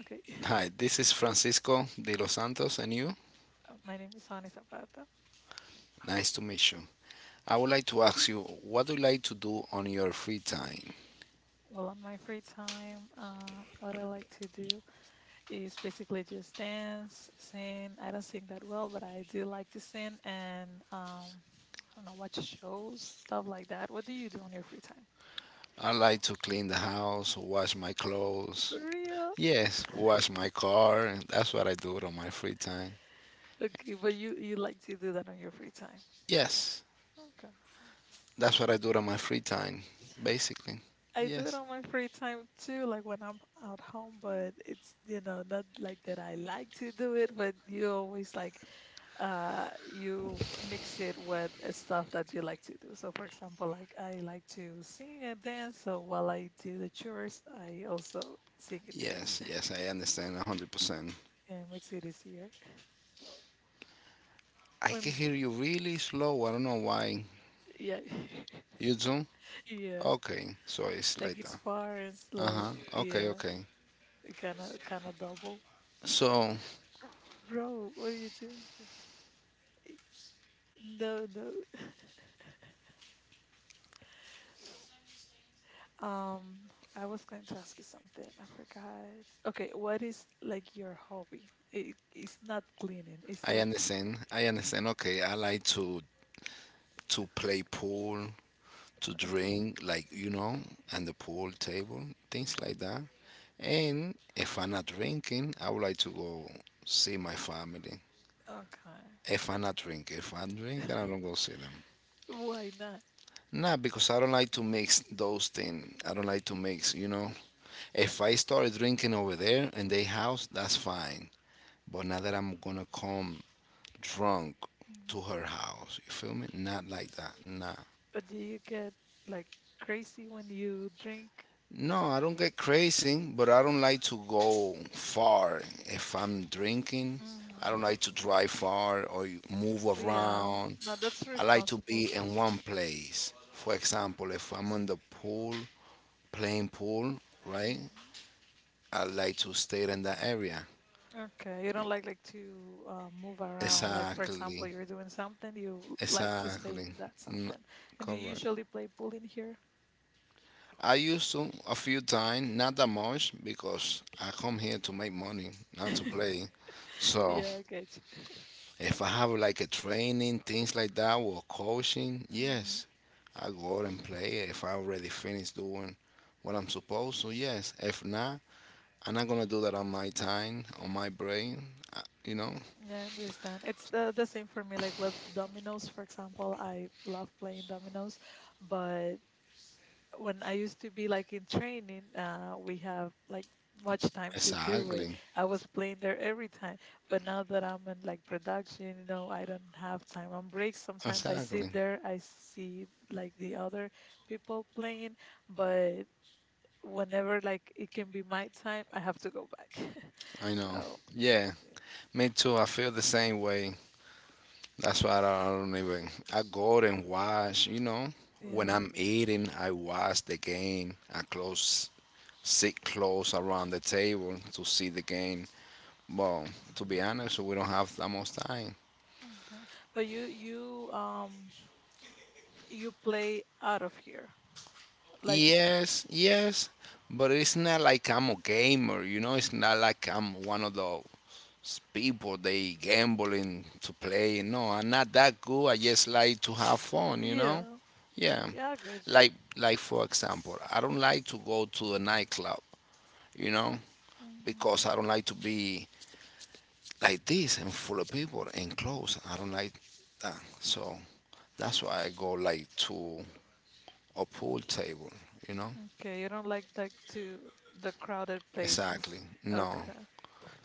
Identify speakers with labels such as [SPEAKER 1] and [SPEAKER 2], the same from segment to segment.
[SPEAKER 1] Okay,
[SPEAKER 2] Hi, this is Francisco de los Santos, and you?
[SPEAKER 1] my name is Hani Zapata.
[SPEAKER 2] Nice to meet you. I would like to ask you, what do you like to do on your free time?
[SPEAKER 1] Well, on my free time, what I like to do is basically just dance, sing. I don't sing that well, but I do like to sing and I don't know, watch shows, stuff like that. What do you do on your free time?
[SPEAKER 2] I like to clean the house, wash my
[SPEAKER 1] For
[SPEAKER 2] clothes.
[SPEAKER 1] real?
[SPEAKER 2] Yes, wash my car. That's what I do on my free time.
[SPEAKER 1] Okay, but you like to do that on your free time.
[SPEAKER 2] Yes,
[SPEAKER 1] Okay.
[SPEAKER 2] that's what I do on my free time, basically.
[SPEAKER 1] I do it
[SPEAKER 2] Yes.
[SPEAKER 1] on my free time too, like when I'm out home, but it's, you know, not like that I like to do it, but you always like you mix it with stuff that you like to do. So for example, like I like to sing and dance, so while I do the chores, I also sing and dance.
[SPEAKER 2] Yes, yes, I understand 100%.
[SPEAKER 1] Yeah, it makes it easier.
[SPEAKER 2] I
[SPEAKER 1] And
[SPEAKER 2] can hear you really slow. I don't know why.
[SPEAKER 1] yeah.
[SPEAKER 2] You do?
[SPEAKER 1] Yeah.
[SPEAKER 2] Okay. So it's
[SPEAKER 1] Like
[SPEAKER 2] like
[SPEAKER 1] it's
[SPEAKER 2] that.
[SPEAKER 1] far and
[SPEAKER 2] Uh
[SPEAKER 1] slow.
[SPEAKER 2] huh. Okay.
[SPEAKER 1] Yeah.
[SPEAKER 2] Okay.
[SPEAKER 1] It kinda double.
[SPEAKER 2] So
[SPEAKER 1] Bro, what are you doing here? Eh, No, no. Um, I was going to ask you something. I forgot. Okay, what is like your hobby? It's not cleaning, is
[SPEAKER 2] I
[SPEAKER 1] it?
[SPEAKER 2] understand. I understand. Okay. I like to play pool, to
[SPEAKER 1] Okay.
[SPEAKER 2] drink, like you know, and the pool table, things
[SPEAKER 1] o-
[SPEAKER 2] like that. And if I'm not drinking, I would like to go see my family.
[SPEAKER 1] Okay.
[SPEAKER 2] If I'm drinking, I don't go see them.
[SPEAKER 1] Why not?
[SPEAKER 2] Nah, because I don't like to mix those things. I don't like to mix, you know. If I start drinking over there in their house, that's fine. But not that I'm gonna come drunk to
[SPEAKER 1] Mhm.
[SPEAKER 2] her house. You feel me? Not like that. Nah.
[SPEAKER 1] But do you get like crazy when you drink?
[SPEAKER 2] No, I don't get crazy, but I don't like to go far. If I'm drinking,
[SPEAKER 1] Hmm.
[SPEAKER 2] I don't like to drive far or move
[SPEAKER 1] Yeah.
[SPEAKER 2] around.
[SPEAKER 1] No, that's
[SPEAKER 2] I like to
[SPEAKER 1] responsible.
[SPEAKER 2] be in one place. For example, if I'm on the pool, playing pool, right?
[SPEAKER 1] Mhm.
[SPEAKER 2] I like to stay in that area.
[SPEAKER 1] Okay. You don't like to move around. Like for example,
[SPEAKER 2] Exactly.
[SPEAKER 1] you're doing something, you like to stay in
[SPEAKER 2] Exactly.
[SPEAKER 1] that something.
[SPEAKER 2] N-
[SPEAKER 1] And do you
[SPEAKER 2] correct.
[SPEAKER 1] usually play pool in here?
[SPEAKER 2] I used to a few times, not that much, because I come here to make money, not to play. So
[SPEAKER 1] Yeah, I get.
[SPEAKER 2] if I have like a training, things like that, or coaching,
[SPEAKER 1] Mhm.
[SPEAKER 2] yes, I go out and play. If I already finished doing what I'm supposed to, yes. If not, I'm not gonna do that on my time, on my brain, you know.
[SPEAKER 1] Yeah, I understand. It's the same for me. Like with dominoes, for example, I love playing dominoes, but when I used to be like in training, we have like much time to do it.
[SPEAKER 2] Exactly.
[SPEAKER 1] I was playing there every time, but now that I'm in like production, you know, I don't have time. On breaks, sometimes I sit
[SPEAKER 2] Exactly.
[SPEAKER 1] there, I see like the other people playing, but whenever like it can be my time, I have to go back.
[SPEAKER 2] I know.
[SPEAKER 1] So,
[SPEAKER 2] Yeah, me too. I feel the same way. That's why I don't even. I go out and watch. You know, when
[SPEAKER 1] yeah.
[SPEAKER 2] I'm eating, I watch the game. Sit close around the table to see the game. But to be honest, we don't have that much time.
[SPEAKER 1] Okay. But you you play out of here. Like
[SPEAKER 2] Yes, yes, but it's not like I'm a gamer, you know. It's not like I'm one of those people they gambling to play. No, I'm not that good. I just like to have fun, you
[SPEAKER 1] yeah.
[SPEAKER 2] know. Yeah,
[SPEAKER 1] Yeah, I get you.
[SPEAKER 2] like for example, I don't like to go to a nightclub, you know,
[SPEAKER 1] Mhm.
[SPEAKER 2] because I don't like to be like this and full of people and close. I don't like that, so that's why I go like to a pool table, you know.
[SPEAKER 1] Okay, you don't like to the crowded places.
[SPEAKER 2] Exactly. No,
[SPEAKER 1] Okay.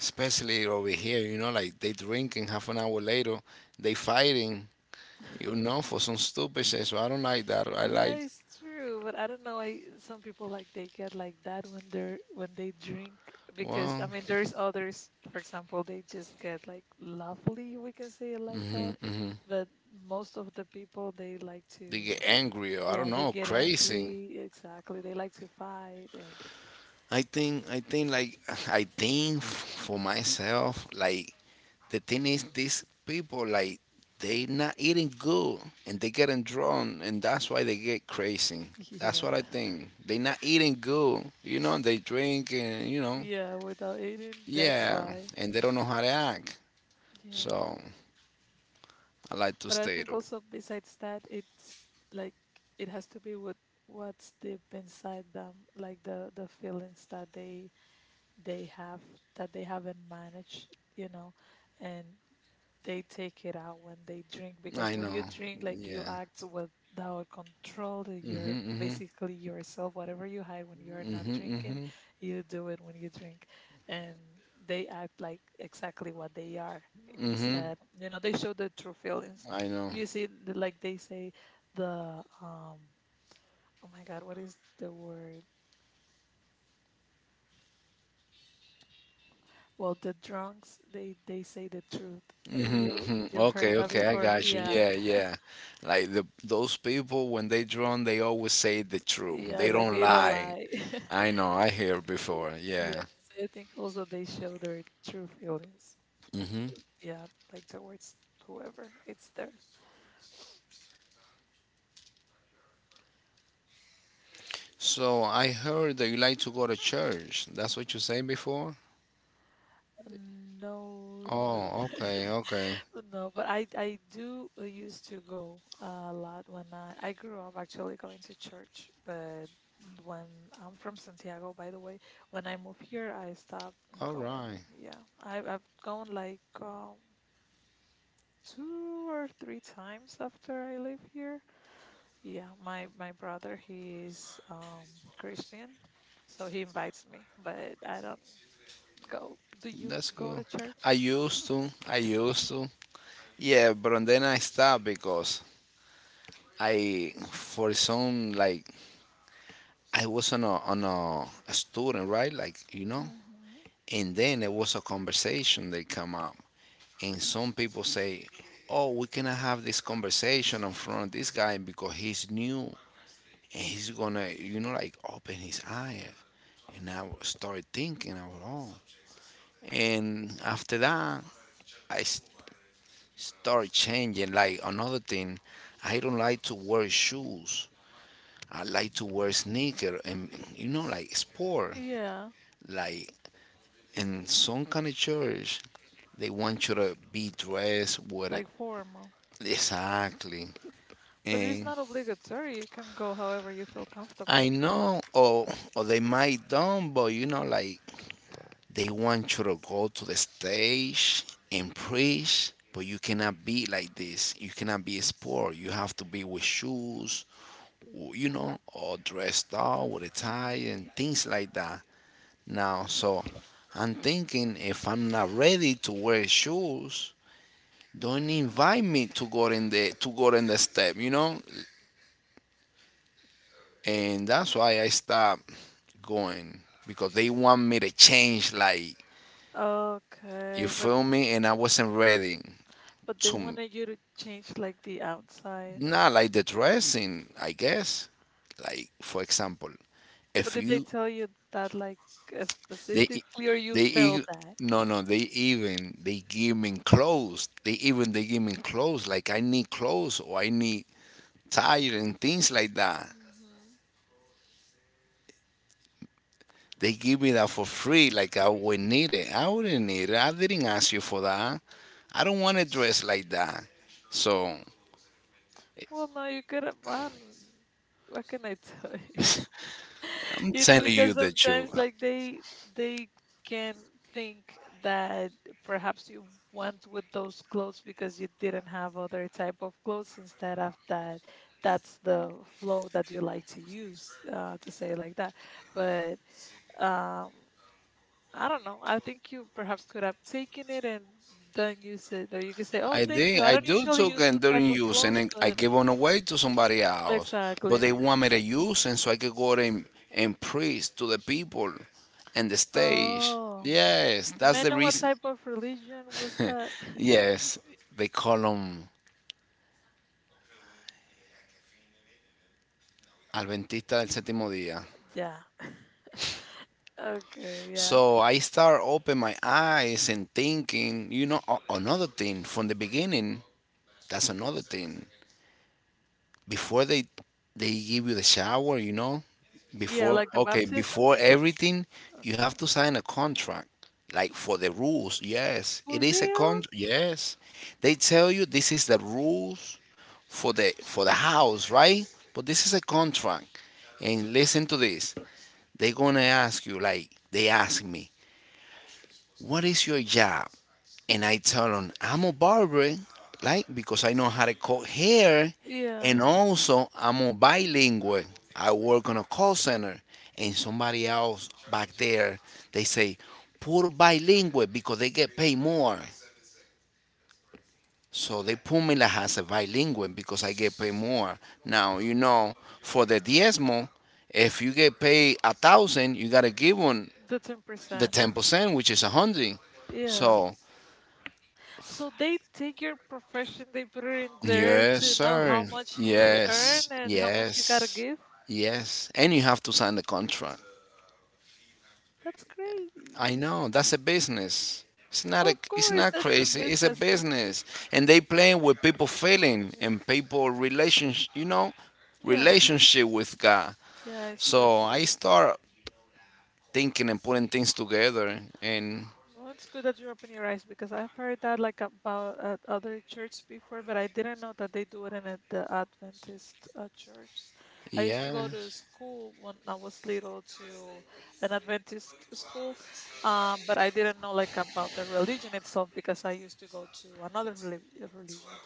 [SPEAKER 2] especially over here, you know, like they drink and half an hour later they fighting, you know, for some stupid shit. So I don't like that. I
[SPEAKER 1] Yeah,
[SPEAKER 2] like
[SPEAKER 1] it's true, but I don't know why some people like they get like that when they drink because I
[SPEAKER 2] well,
[SPEAKER 1] mean there's others, for example, they just get like lovely, we can say it like that.
[SPEAKER 2] hmm hmm
[SPEAKER 1] But most of the people they like
[SPEAKER 2] they
[SPEAKER 1] to.
[SPEAKER 2] get angry or I
[SPEAKER 1] Yeah,
[SPEAKER 2] don't
[SPEAKER 1] they
[SPEAKER 2] know,
[SPEAKER 1] get
[SPEAKER 2] crazy.
[SPEAKER 1] angry. Exactly. They like to fight and
[SPEAKER 2] I think like I think for myself, like, the thing is, these people like they not eating good and they getting drunk and that's why they get crazy. That's
[SPEAKER 1] yeah.
[SPEAKER 2] what I think. They not eating good, you know. They drink and you know,
[SPEAKER 1] Yeah, without eating, that's
[SPEAKER 2] yeah,
[SPEAKER 1] why.
[SPEAKER 2] and they don't know how to act.
[SPEAKER 1] Yeah.
[SPEAKER 2] So I like to
[SPEAKER 1] But I
[SPEAKER 2] stay
[SPEAKER 1] think
[SPEAKER 2] though.
[SPEAKER 1] also besides that, it's like it has to be with what's deep inside them, like the feelings that they have that they haven't managed, you know, and they take it out when they drink because
[SPEAKER 2] I
[SPEAKER 1] when you
[SPEAKER 2] know.
[SPEAKER 1] drink, like you
[SPEAKER 2] Yeah.
[SPEAKER 1] act without control. That You're
[SPEAKER 2] Mhm. Mhm.
[SPEAKER 1] basically yourself. Whatever you hide when you're not
[SPEAKER 2] Mhm.
[SPEAKER 1] drinking,
[SPEAKER 2] Mhm.
[SPEAKER 1] you do it when you drink, and they act like exactly what they are.
[SPEAKER 2] Mhm.
[SPEAKER 1] Instead, you know, they show the true feelings.
[SPEAKER 2] I know.
[SPEAKER 1] You see, the- like they say, the oh my God, what is the word? Well, the drunks, they say the truth.
[SPEAKER 2] Mm-hmm,
[SPEAKER 1] You
[SPEAKER 2] mm-hmm.
[SPEAKER 1] you've heard
[SPEAKER 2] Okay,
[SPEAKER 1] that
[SPEAKER 2] okay, I
[SPEAKER 1] before,
[SPEAKER 2] got you.
[SPEAKER 1] yeah.
[SPEAKER 2] Yeah, yeah. Like the those people when they drawn, they always say the truth.
[SPEAKER 1] Yeah,
[SPEAKER 2] They
[SPEAKER 1] like
[SPEAKER 2] don't
[SPEAKER 1] they don't
[SPEAKER 2] lie.
[SPEAKER 1] lie.
[SPEAKER 2] I know. I hear before.
[SPEAKER 1] Yeah,
[SPEAKER 2] Yeah.
[SPEAKER 1] I think also they show their true feelings.
[SPEAKER 2] Mm-hmm.
[SPEAKER 1] Yeah, like towards whoever it's there.
[SPEAKER 2] So I heard that you like to go to church. That's what you say before?
[SPEAKER 1] No, no,
[SPEAKER 2] Oh, okay, okay.
[SPEAKER 1] no, but I do used to go a lot when I grew up actually going to church, but when I'm from Santiago, by the way, when I moved here, I stopped
[SPEAKER 2] All
[SPEAKER 1] going.
[SPEAKER 2] right.
[SPEAKER 1] Yeah, I have I've gone like two or three times after I live here. Yeah, my brother he is Christian so he invites me, but I don't go. Do you
[SPEAKER 2] That's
[SPEAKER 1] go to
[SPEAKER 2] good.
[SPEAKER 1] church?
[SPEAKER 2] I used to. I used to. Yeah, but then I stopped because I, for some like I was on a student, right? Like you know,
[SPEAKER 1] Hmm.
[SPEAKER 2] and then there was a conversation that come up, and some people say, "Oh, we cannot have this conversation in front of this guy because he's new and he's gonna, you know, like open his eye." And I started thinking, I was, "Oh," and after that, I started changing. Like another thing, I don't like to wear shoes. I like to wear sneaker and you know like sport.
[SPEAKER 1] Yeah,
[SPEAKER 2] Like in some kind of church they want you to be dressed with it
[SPEAKER 1] like formal.
[SPEAKER 2] exactly.
[SPEAKER 1] But it is
[SPEAKER 2] And
[SPEAKER 1] not obligatory. You can go however you feel
[SPEAKER 2] I
[SPEAKER 1] comfortable.
[SPEAKER 2] know, or they might don't, but you know like they want you to go to the stage and preach, but you cannot be like this, you cannot be a sport, you have to be with shoes, you know, or dressed up with a tie and
[SPEAKER 1] Hmm.
[SPEAKER 2] things like that now. So I'm thinking, if I'm not ready to wear shoes, don't invite me to go in the step, you know? And that's why I stopped going, because they want me to change, like, you
[SPEAKER 1] Okay,
[SPEAKER 2] feel me, and I wasn't ready
[SPEAKER 1] but they
[SPEAKER 2] to
[SPEAKER 1] wanted you to change like the outside.
[SPEAKER 2] not like the dressing, I guess. Like for example,
[SPEAKER 1] But
[SPEAKER 2] if
[SPEAKER 1] did they
[SPEAKER 2] you
[SPEAKER 1] tell you that like
[SPEAKER 2] they
[SPEAKER 1] specifically, or you
[SPEAKER 2] they e-
[SPEAKER 1] felt that?
[SPEAKER 2] no, no, they even they give me clothes. They even they give me clothes, like I need clothes or I need tire and things like that.
[SPEAKER 1] Hmm.
[SPEAKER 2] They give me that for free, like I would need it. I wouldn't need it. I didn't ask you for that. I don't want to dress like that. So
[SPEAKER 1] Well, no, you couldn't. Man, what can I tell you?
[SPEAKER 2] I'm
[SPEAKER 1] You know
[SPEAKER 2] telling you
[SPEAKER 1] because
[SPEAKER 2] the truth.
[SPEAKER 1] sometimes like they can think that perhaps you went with those clothes because you didn't have other type of clothes instead of that, that's the flow that you like to use to say like that, but um I don't know, I think you perhaps could have taken it and done use it, or you could say oh
[SPEAKER 2] I
[SPEAKER 1] thank you,
[SPEAKER 2] did.
[SPEAKER 1] I
[SPEAKER 2] I
[SPEAKER 1] don't
[SPEAKER 2] do
[SPEAKER 1] usually
[SPEAKER 2] took
[SPEAKER 1] use two
[SPEAKER 2] and
[SPEAKER 1] type
[SPEAKER 2] didn't
[SPEAKER 1] of
[SPEAKER 2] use, and
[SPEAKER 1] clothes
[SPEAKER 2] then I
[SPEAKER 1] but
[SPEAKER 2] gave them away to somebody else. But
[SPEAKER 1] exactly.
[SPEAKER 2] they want me to use, and so I could go and preach to the people, and the stage.
[SPEAKER 1] Oh,
[SPEAKER 2] Yes,
[SPEAKER 1] I
[SPEAKER 2] that's
[SPEAKER 1] may
[SPEAKER 2] the
[SPEAKER 1] know what
[SPEAKER 2] reason.
[SPEAKER 1] type of religion was that.
[SPEAKER 2] Yes, they call them Adventista del Séptimo Día.
[SPEAKER 1] Yeah. Okay. Yeah.
[SPEAKER 2] So I start open my eyes and thinking, you know, another thing from the beginning. That's another thing. Before they give you the shower, you know,
[SPEAKER 1] Yeah,
[SPEAKER 2] before,
[SPEAKER 1] like the
[SPEAKER 2] okay,
[SPEAKER 1] baptism.
[SPEAKER 2] before everything, you
[SPEAKER 1] Okay.
[SPEAKER 2] have to sign a contract. Like, for the rules, yes, it
[SPEAKER 1] For
[SPEAKER 2] is a
[SPEAKER 1] real?
[SPEAKER 2] contract. Yes, they tell you this is the rules for the house, right? But this is a contract. And listen to this. They're gonna ask you, like they ask me, what is your job? And I tell them, I'm a barber, like, because I know how to cut hair.
[SPEAKER 1] Yeah.
[SPEAKER 2] And also, I'm a bilingual. I work on a call center. And somebody else back there, they say, put bilingual because they get paid more. So they put me like as a bilingual because I get paid more. Now, you know, for the diezmo, if you get paid 1,000, you got to give them
[SPEAKER 1] The ten
[SPEAKER 2] the
[SPEAKER 1] percent.
[SPEAKER 2] 10%, which is 100.
[SPEAKER 1] Yeah.
[SPEAKER 2] So.
[SPEAKER 1] So they take your profession, they put it in there
[SPEAKER 2] Yes,
[SPEAKER 1] to know how
[SPEAKER 2] sir.
[SPEAKER 1] much you earn
[SPEAKER 2] Yes,
[SPEAKER 1] and how much you gotta
[SPEAKER 2] yes,
[SPEAKER 1] give.
[SPEAKER 2] yes. And you have to sign the contract.
[SPEAKER 1] That's
[SPEAKER 2] I
[SPEAKER 1] crazy.
[SPEAKER 2] know that's a business. It's not a,
[SPEAKER 1] Of
[SPEAKER 2] it's
[SPEAKER 1] course,
[SPEAKER 2] not
[SPEAKER 1] that's a
[SPEAKER 2] crazy. It's a
[SPEAKER 1] business.
[SPEAKER 2] business, and they playing with people feeling and people relationship. You know,
[SPEAKER 1] Yeah.
[SPEAKER 2] relationship with God.
[SPEAKER 1] Yeah, it's true.
[SPEAKER 2] So I start thinking and putting things together, and
[SPEAKER 1] Well, it's good that you're opening your eyes because I've heard that like about at other church before, but I didn't know that they do it in a, the Adventist church. I used to
[SPEAKER 2] yeah,
[SPEAKER 1] go to school when I was little to an Adventist school, but I didn't know like about the religion itself because I used to go to another reli- religion.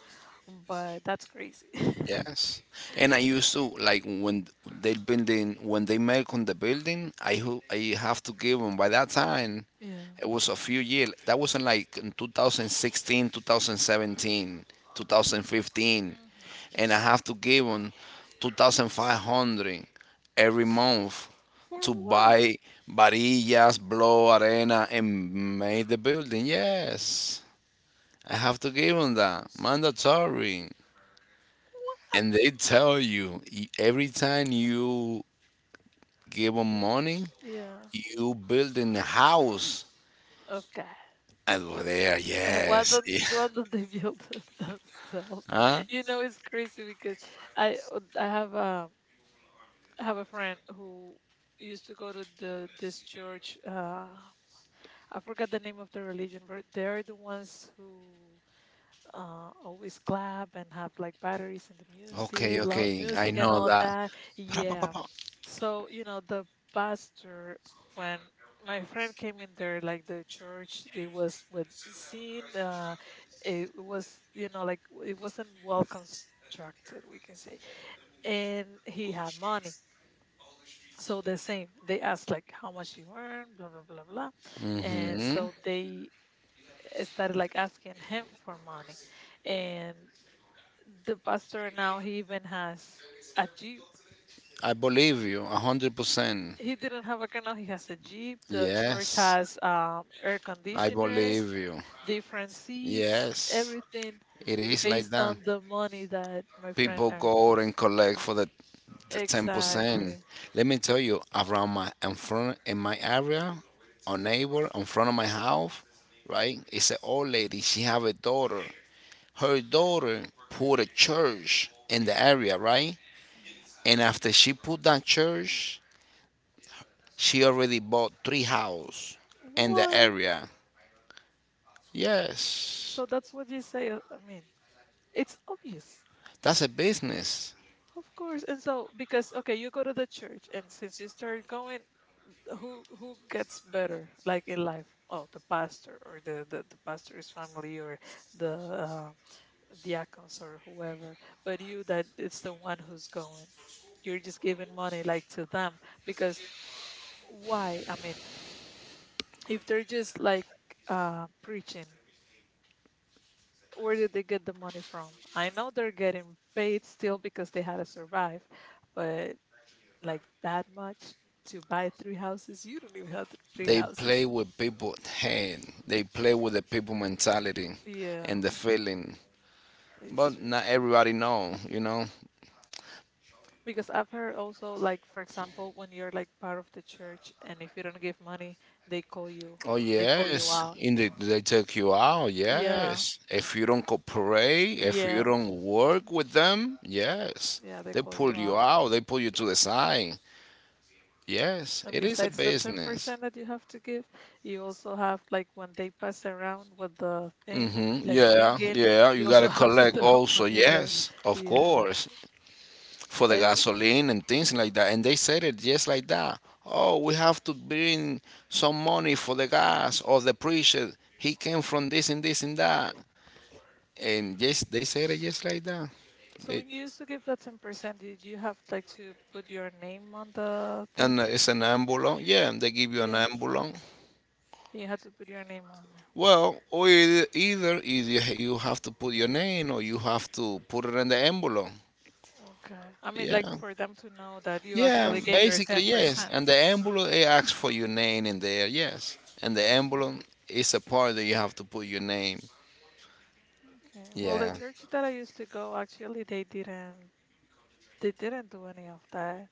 [SPEAKER 1] But that's crazy.
[SPEAKER 2] yes. And I used to like when they building when they make on the building. I have to give them by that time.
[SPEAKER 1] Yeah.
[SPEAKER 2] It was a few years. That wasn't like in 2016, 2017, 2015,
[SPEAKER 1] Hmm.
[SPEAKER 2] and I have to give them 2,500 every month
[SPEAKER 1] For
[SPEAKER 2] to
[SPEAKER 1] what?
[SPEAKER 2] buy varillas, blow arena, and make the building. Yes, I have to give them that mandatory. And they
[SPEAKER 1] What?
[SPEAKER 2] tell you every time you give them money,
[SPEAKER 1] Yeah.
[SPEAKER 2] you building a house.
[SPEAKER 1] Okay.
[SPEAKER 2] And we're there,
[SPEAKER 1] And
[SPEAKER 2] yes.
[SPEAKER 1] why don't they build it themselves?
[SPEAKER 2] Huh?
[SPEAKER 1] You know, it's crazy because I I have a I have a friend who used to go to the this church. I forgot the name of the religion, but they're the ones who always clap and have like batteries in the
[SPEAKER 2] Okay,
[SPEAKER 1] music, loud
[SPEAKER 2] okay, I
[SPEAKER 1] music and
[SPEAKER 2] know
[SPEAKER 1] all
[SPEAKER 2] that.
[SPEAKER 1] that. Yeah, so, you know, the pastor, when my friend came in there, like the church, it was with seen, it was, you know, like it wasn't well constructed, we can say. And he had money. So the same, they asked like how much you earn, blah, blah, blah, blah. And
[SPEAKER 2] hmm
[SPEAKER 1] so they started like asking him for money. And the pastor now, he even has a Jeep.
[SPEAKER 2] I believe you, 100%.
[SPEAKER 1] He didn't have a canoe. He has a jeep. The church
[SPEAKER 2] Yes,
[SPEAKER 1] has air
[SPEAKER 2] I
[SPEAKER 1] conditioners,
[SPEAKER 2] believe you.
[SPEAKER 1] different seats,
[SPEAKER 2] Yes,
[SPEAKER 1] everything
[SPEAKER 2] it is like
[SPEAKER 1] based
[SPEAKER 2] that.
[SPEAKER 1] on the money that my friend
[SPEAKER 2] People
[SPEAKER 1] earned.
[SPEAKER 2] go out and collect for the 10%.
[SPEAKER 1] Exactly.
[SPEAKER 2] Let me tell you, around my in front in my area, a neighbor in front of my house, right? It's an old lady. She have a daughter. Her daughter put a church in the area, right? And after she put that church, she already bought three houses in the
[SPEAKER 1] What?
[SPEAKER 2] area. Yes,
[SPEAKER 1] So that's what you say. I mean, it's obvious,
[SPEAKER 2] that's a business.
[SPEAKER 1] of course. And so because okay, you go to the church, and since you start going, who gets better like in life? Oh, the pastor or the pastor's family or the diacons or whoever, but you that it's the one who's going. You're just giving money like to them because why? I mean, if they're just like preaching, where did they get the money from? I know they're getting paid still because they had to survive, but like that much to buy three houses, you don't even have th- three
[SPEAKER 2] They play
[SPEAKER 1] houses.
[SPEAKER 2] with people's head. They play with the people mentality
[SPEAKER 1] Yeah,
[SPEAKER 2] and the feeling.
[SPEAKER 1] it's
[SPEAKER 2] But
[SPEAKER 1] true.
[SPEAKER 2] not everybody know, you know.
[SPEAKER 1] Because I've heard also, like, for example, when you're like part of the church and if you don't give money, they call you.
[SPEAKER 2] Oh
[SPEAKER 1] They call you
[SPEAKER 2] yes,
[SPEAKER 1] out.
[SPEAKER 2] they take you out.
[SPEAKER 1] Yeah,
[SPEAKER 2] Yes, if you don't cooperate, if you
[SPEAKER 1] yeah,
[SPEAKER 2] don't work with them, yes,
[SPEAKER 1] yeah, they
[SPEAKER 2] they
[SPEAKER 1] call you
[SPEAKER 2] pull you
[SPEAKER 1] out.
[SPEAKER 2] out. They pull you to the side. Yes,
[SPEAKER 1] And
[SPEAKER 2] it is a
[SPEAKER 1] besides the
[SPEAKER 2] business.
[SPEAKER 1] 10% that you have to give, you also have, like, when they pass around with the thing,
[SPEAKER 2] Hmm,
[SPEAKER 1] like
[SPEAKER 2] yeah,
[SPEAKER 1] singing,
[SPEAKER 2] yeah,
[SPEAKER 1] you
[SPEAKER 2] you
[SPEAKER 1] also
[SPEAKER 2] gotta
[SPEAKER 1] have to
[SPEAKER 2] collect
[SPEAKER 1] throw
[SPEAKER 2] also,
[SPEAKER 1] money there.
[SPEAKER 2] yes, of
[SPEAKER 1] Yeah.
[SPEAKER 2] course, for the
[SPEAKER 1] I, re-
[SPEAKER 2] gasoline and things like that. And they said it just like that. Oh, we have to bring some money for the gas or the preacher. He came from this and this and that. And yes, they said it just like that.
[SPEAKER 1] so
[SPEAKER 2] They,
[SPEAKER 1] when you used to give that 10%, did you have, like, to put your name on the
[SPEAKER 2] and
[SPEAKER 1] thing?
[SPEAKER 2] It's an ambulance. Yeah, and they give you an
[SPEAKER 1] Yeah,
[SPEAKER 2] ambulance.
[SPEAKER 1] you had to put your name on.
[SPEAKER 2] Well, either you have to put your name or you have to put it in the ambulance.
[SPEAKER 1] Okay. I mean, like
[SPEAKER 2] Yeah.
[SPEAKER 1] for them to know that you
[SPEAKER 2] Yeah,
[SPEAKER 1] actually gave your
[SPEAKER 2] basically yes. And
[SPEAKER 1] 10%.
[SPEAKER 2] the envelope it asks for your name in there, yes. And the
[SPEAKER 1] Yeah.
[SPEAKER 2] envelope is a part that you have to put your name.
[SPEAKER 1] Okay. Well, the
[SPEAKER 2] Yeah,
[SPEAKER 1] church that I used to go, actually, they didn't do any of that.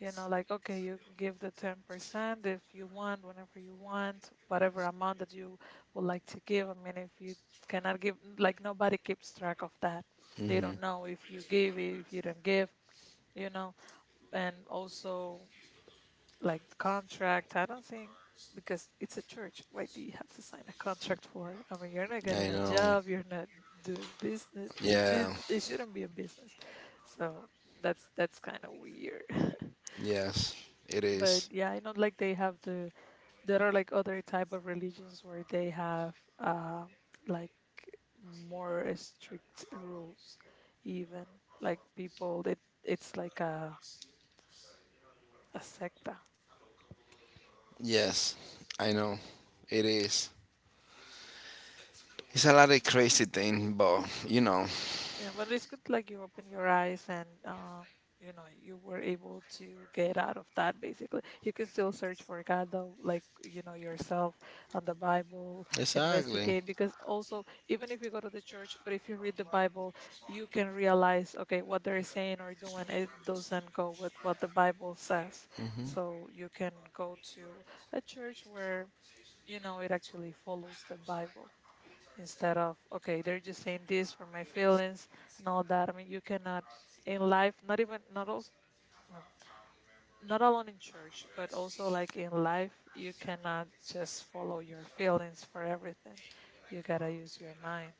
[SPEAKER 1] You know, like okay, you give the 10% if you want, whenever you want, whatever amount that you would like to give. I mean, if you cannot give, like nobody keeps track of that. They don't know if you give, if you don't give, you know. And also like contract. I don't think because it's a church. Why do you have to sign a contract for? I mean, you're not
[SPEAKER 2] I
[SPEAKER 1] getting a
[SPEAKER 2] know.
[SPEAKER 1] job. You're not doing business.
[SPEAKER 2] Yeah,
[SPEAKER 1] It shouldn't be a business. So that's kind of weird.
[SPEAKER 2] yes, it
[SPEAKER 1] But
[SPEAKER 2] is.
[SPEAKER 1] yeah, I know like they have the there are like other type of religions where they have like more strict rules even like people that it's like a sect.
[SPEAKER 2] Yes, I know, it is. It's a lot of crazy thing, but you know.
[SPEAKER 1] Yeah, but it's good like you open your eyes and you know, you were able to get out of that basically. You can still search for God though, like you know, yourself on the Bible,
[SPEAKER 2] Exactly.
[SPEAKER 1] investigate because also even if you go to the church, but if you read the Bible, you can realize okay, what they're saying or doing it doesn't go with what the Bible says. So you can go to a church where you know it actually follows the Bible, instead of okay, they're just saying this for my feelings and all that. I mean, you cannot in life, not even, not also not alone in church but also like in life, you cannot just follow your feelings for everything. You gotta use your mind,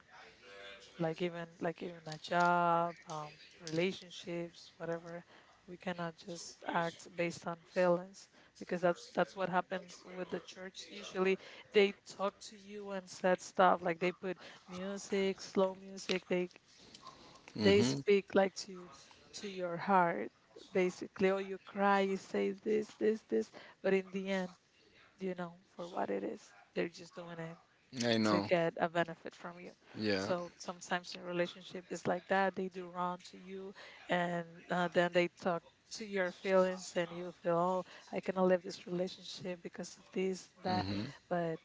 [SPEAKER 1] like even, like even a job, relationships, whatever. We cannot just act based on feelings because that's what happens with the church usually. They talk to you and said stuff, like they put music, slow music, they
[SPEAKER 2] Mhm.
[SPEAKER 1] speak like to your heart basically, or you cry, you say this, this, this. But in the end, you know, for what it is, they're just doing it
[SPEAKER 2] I
[SPEAKER 1] to
[SPEAKER 2] know.
[SPEAKER 1] get a benefit from you.
[SPEAKER 2] Yeah.
[SPEAKER 1] So sometimes in relationship it's like that. They do wrong to you, and then they talk to your feelings, and you feel, oh, I cannot live this relationship because of this, that. But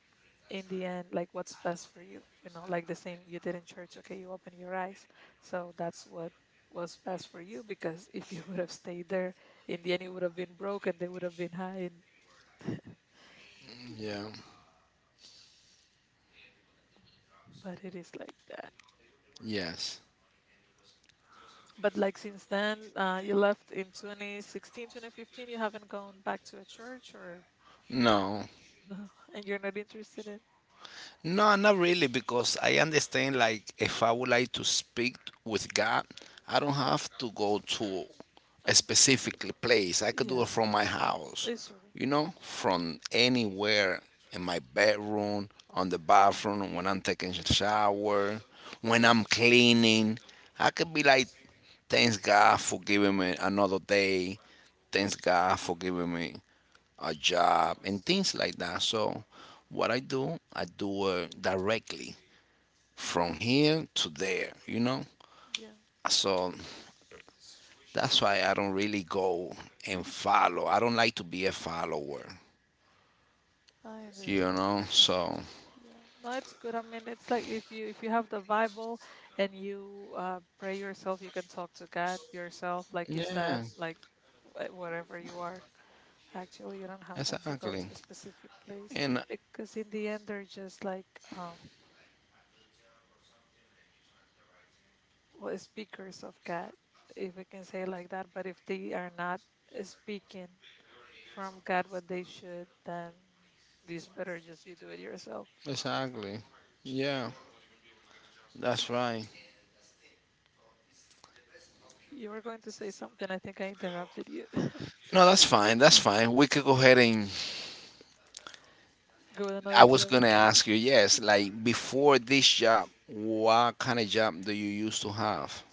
[SPEAKER 1] in the end, like what's best for you, you know, like the same you did in church. Okay, you open your eyes. So that's what was best for you, because if you would have stayed there, in the end, it would have been broken. They would have been high, and
[SPEAKER 2] Yeah.
[SPEAKER 1] yeah. But it is like that.
[SPEAKER 2] Yes.
[SPEAKER 1] But like since then, you left in 2016, 2015, you haven't gone back to a church or
[SPEAKER 2] No.
[SPEAKER 1] no, and you're not interested in.
[SPEAKER 2] No, not really, because I understand, like, if I would like to speak with God, I don't have to go to a
[SPEAKER 1] um,
[SPEAKER 2] specific place. I could do
[SPEAKER 1] yeah,
[SPEAKER 2] it from my
[SPEAKER 1] it's
[SPEAKER 2] house,
[SPEAKER 1] true.
[SPEAKER 2] you know, from anywhere in my bedroom, on the bathroom, when I'm taking a shower, when
[SPEAKER 1] It's.
[SPEAKER 2] I'm cleaning. I could be like, thanks God for giving me another day. Thanks God for giving me a job, and things like that. So, what I do it directly from here to there, you know?
[SPEAKER 1] Yeah,
[SPEAKER 2] So, that's why I don't really go and follow. I don't like to be a follower,
[SPEAKER 1] I
[SPEAKER 2] you know?
[SPEAKER 1] understand.
[SPEAKER 2] So,
[SPEAKER 1] Yeah, no, it's good. I mean, it's like if you, if you have the Bible and you pray yourself, you can talk to God yourself, like you said,
[SPEAKER 2] yeah,
[SPEAKER 1] like wherever you are. Actually, you don't have like to go to
[SPEAKER 2] exactly.
[SPEAKER 1] a specific place
[SPEAKER 2] And
[SPEAKER 1] because in the end, they're just like, um, well, speakers of God, if we can say it like that. But if they are not speaking from God what they should, then it's better just you do it yourself.
[SPEAKER 2] exactly. Yeah, that's right.
[SPEAKER 1] You were going to say something. I think I interrupted you.
[SPEAKER 2] No, that's fine. That's fine. We could go ahead and.
[SPEAKER 1] Go with
[SPEAKER 2] I
[SPEAKER 1] another
[SPEAKER 2] was gonna
[SPEAKER 1] topic.
[SPEAKER 2] ask you, yes, like before this job, what kind of job do you used to have?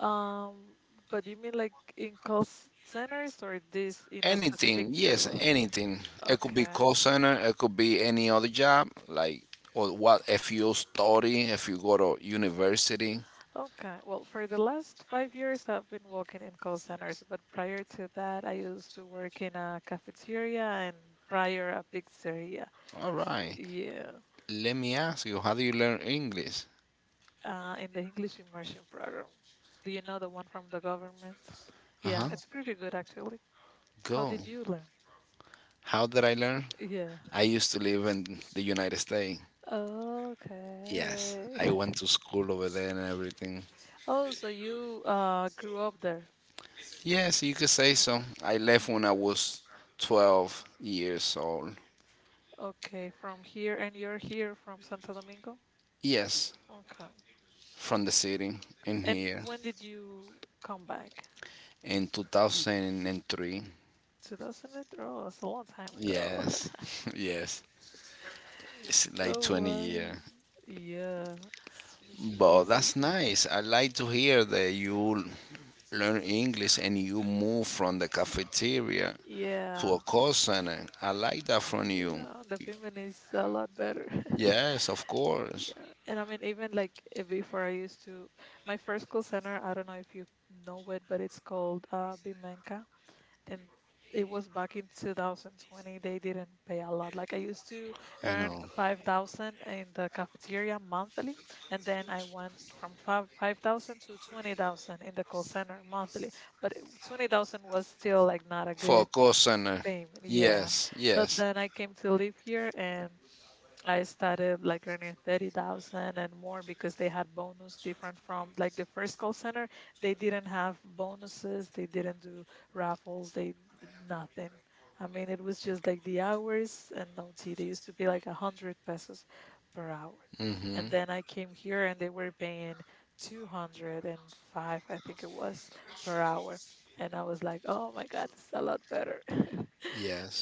[SPEAKER 1] Um, but you mean like in call centers or this in a specific
[SPEAKER 2] Anything, yes,
[SPEAKER 1] tool?
[SPEAKER 2] anything. It could be
[SPEAKER 1] Okay.
[SPEAKER 2] call center. It could be any other job, like or what if you study, if you go to university.
[SPEAKER 1] Okay. Well, for the last 5 years, I've been working in call centers, but prior to that, I used to work in a cafeteria and prior a pizzeria.
[SPEAKER 2] All right.
[SPEAKER 1] Yeah,
[SPEAKER 2] Let me ask you, how do you learn English?
[SPEAKER 1] in the English immersion program. Do you know the one from the government?
[SPEAKER 2] Uh
[SPEAKER 1] Yeah,
[SPEAKER 2] huh.
[SPEAKER 1] it's pretty good actually. How
[SPEAKER 2] Go.
[SPEAKER 1] did you learn?
[SPEAKER 2] How did I learn?
[SPEAKER 1] Yeah.
[SPEAKER 2] I used to live in the United States.
[SPEAKER 1] Okay.
[SPEAKER 2] Yes, I went to school over there and everything.
[SPEAKER 1] Oh, so you grew up there.
[SPEAKER 2] Yes, you could say so. I left when I was 12 years old.
[SPEAKER 1] Okay, from here, and you're here from Santo Domingo?
[SPEAKER 2] Yes,
[SPEAKER 1] Okay.
[SPEAKER 2] from the city in
[SPEAKER 1] And
[SPEAKER 2] here.
[SPEAKER 1] when did you come back?
[SPEAKER 2] In 2003.
[SPEAKER 1] 2003, it's a long time ago.
[SPEAKER 2] Yes, yes. It's like
[SPEAKER 1] Oh,
[SPEAKER 2] 20
[SPEAKER 1] wow.
[SPEAKER 2] years.
[SPEAKER 1] Yeah, it's 22
[SPEAKER 2] But
[SPEAKER 1] years
[SPEAKER 2] that's
[SPEAKER 1] ago.
[SPEAKER 2] nice. I like to hear that you learn English and you move from the cafeteria to a
[SPEAKER 1] Yeah,
[SPEAKER 2] call center. I like that from you.
[SPEAKER 1] yeah, the payment is a lot better.
[SPEAKER 2] Yes, of course.
[SPEAKER 1] Yeah, and I mean, even like before I used to, my first call center, I don't know if you know it, but it's called Bimenka. And it was back in 2020. They didn't pay a lot. Like I used to
[SPEAKER 2] You
[SPEAKER 1] earn
[SPEAKER 2] know,
[SPEAKER 1] 5,000 in the cafeteria monthly, and then I went from 5,000 to 20,000 in the call center monthly, but 20,000 was still like not a
[SPEAKER 2] for a
[SPEAKER 1] good
[SPEAKER 2] call center.
[SPEAKER 1] payment, yeah.
[SPEAKER 2] Yes,
[SPEAKER 1] So
[SPEAKER 2] yes.
[SPEAKER 1] then I came to live here, and I started like earning 30,000 and more because they had bonus different from like the first call center. They didn't have bonuses, they didn't do raffles, they nothing. I mean, it was just like the hours and no tea. They used to be like 100 pesos per hour. And
[SPEAKER 2] Hmm.
[SPEAKER 1] then I came here and they were paying 205, I think it was, per hour. And I was like, oh my God, this is a lot better.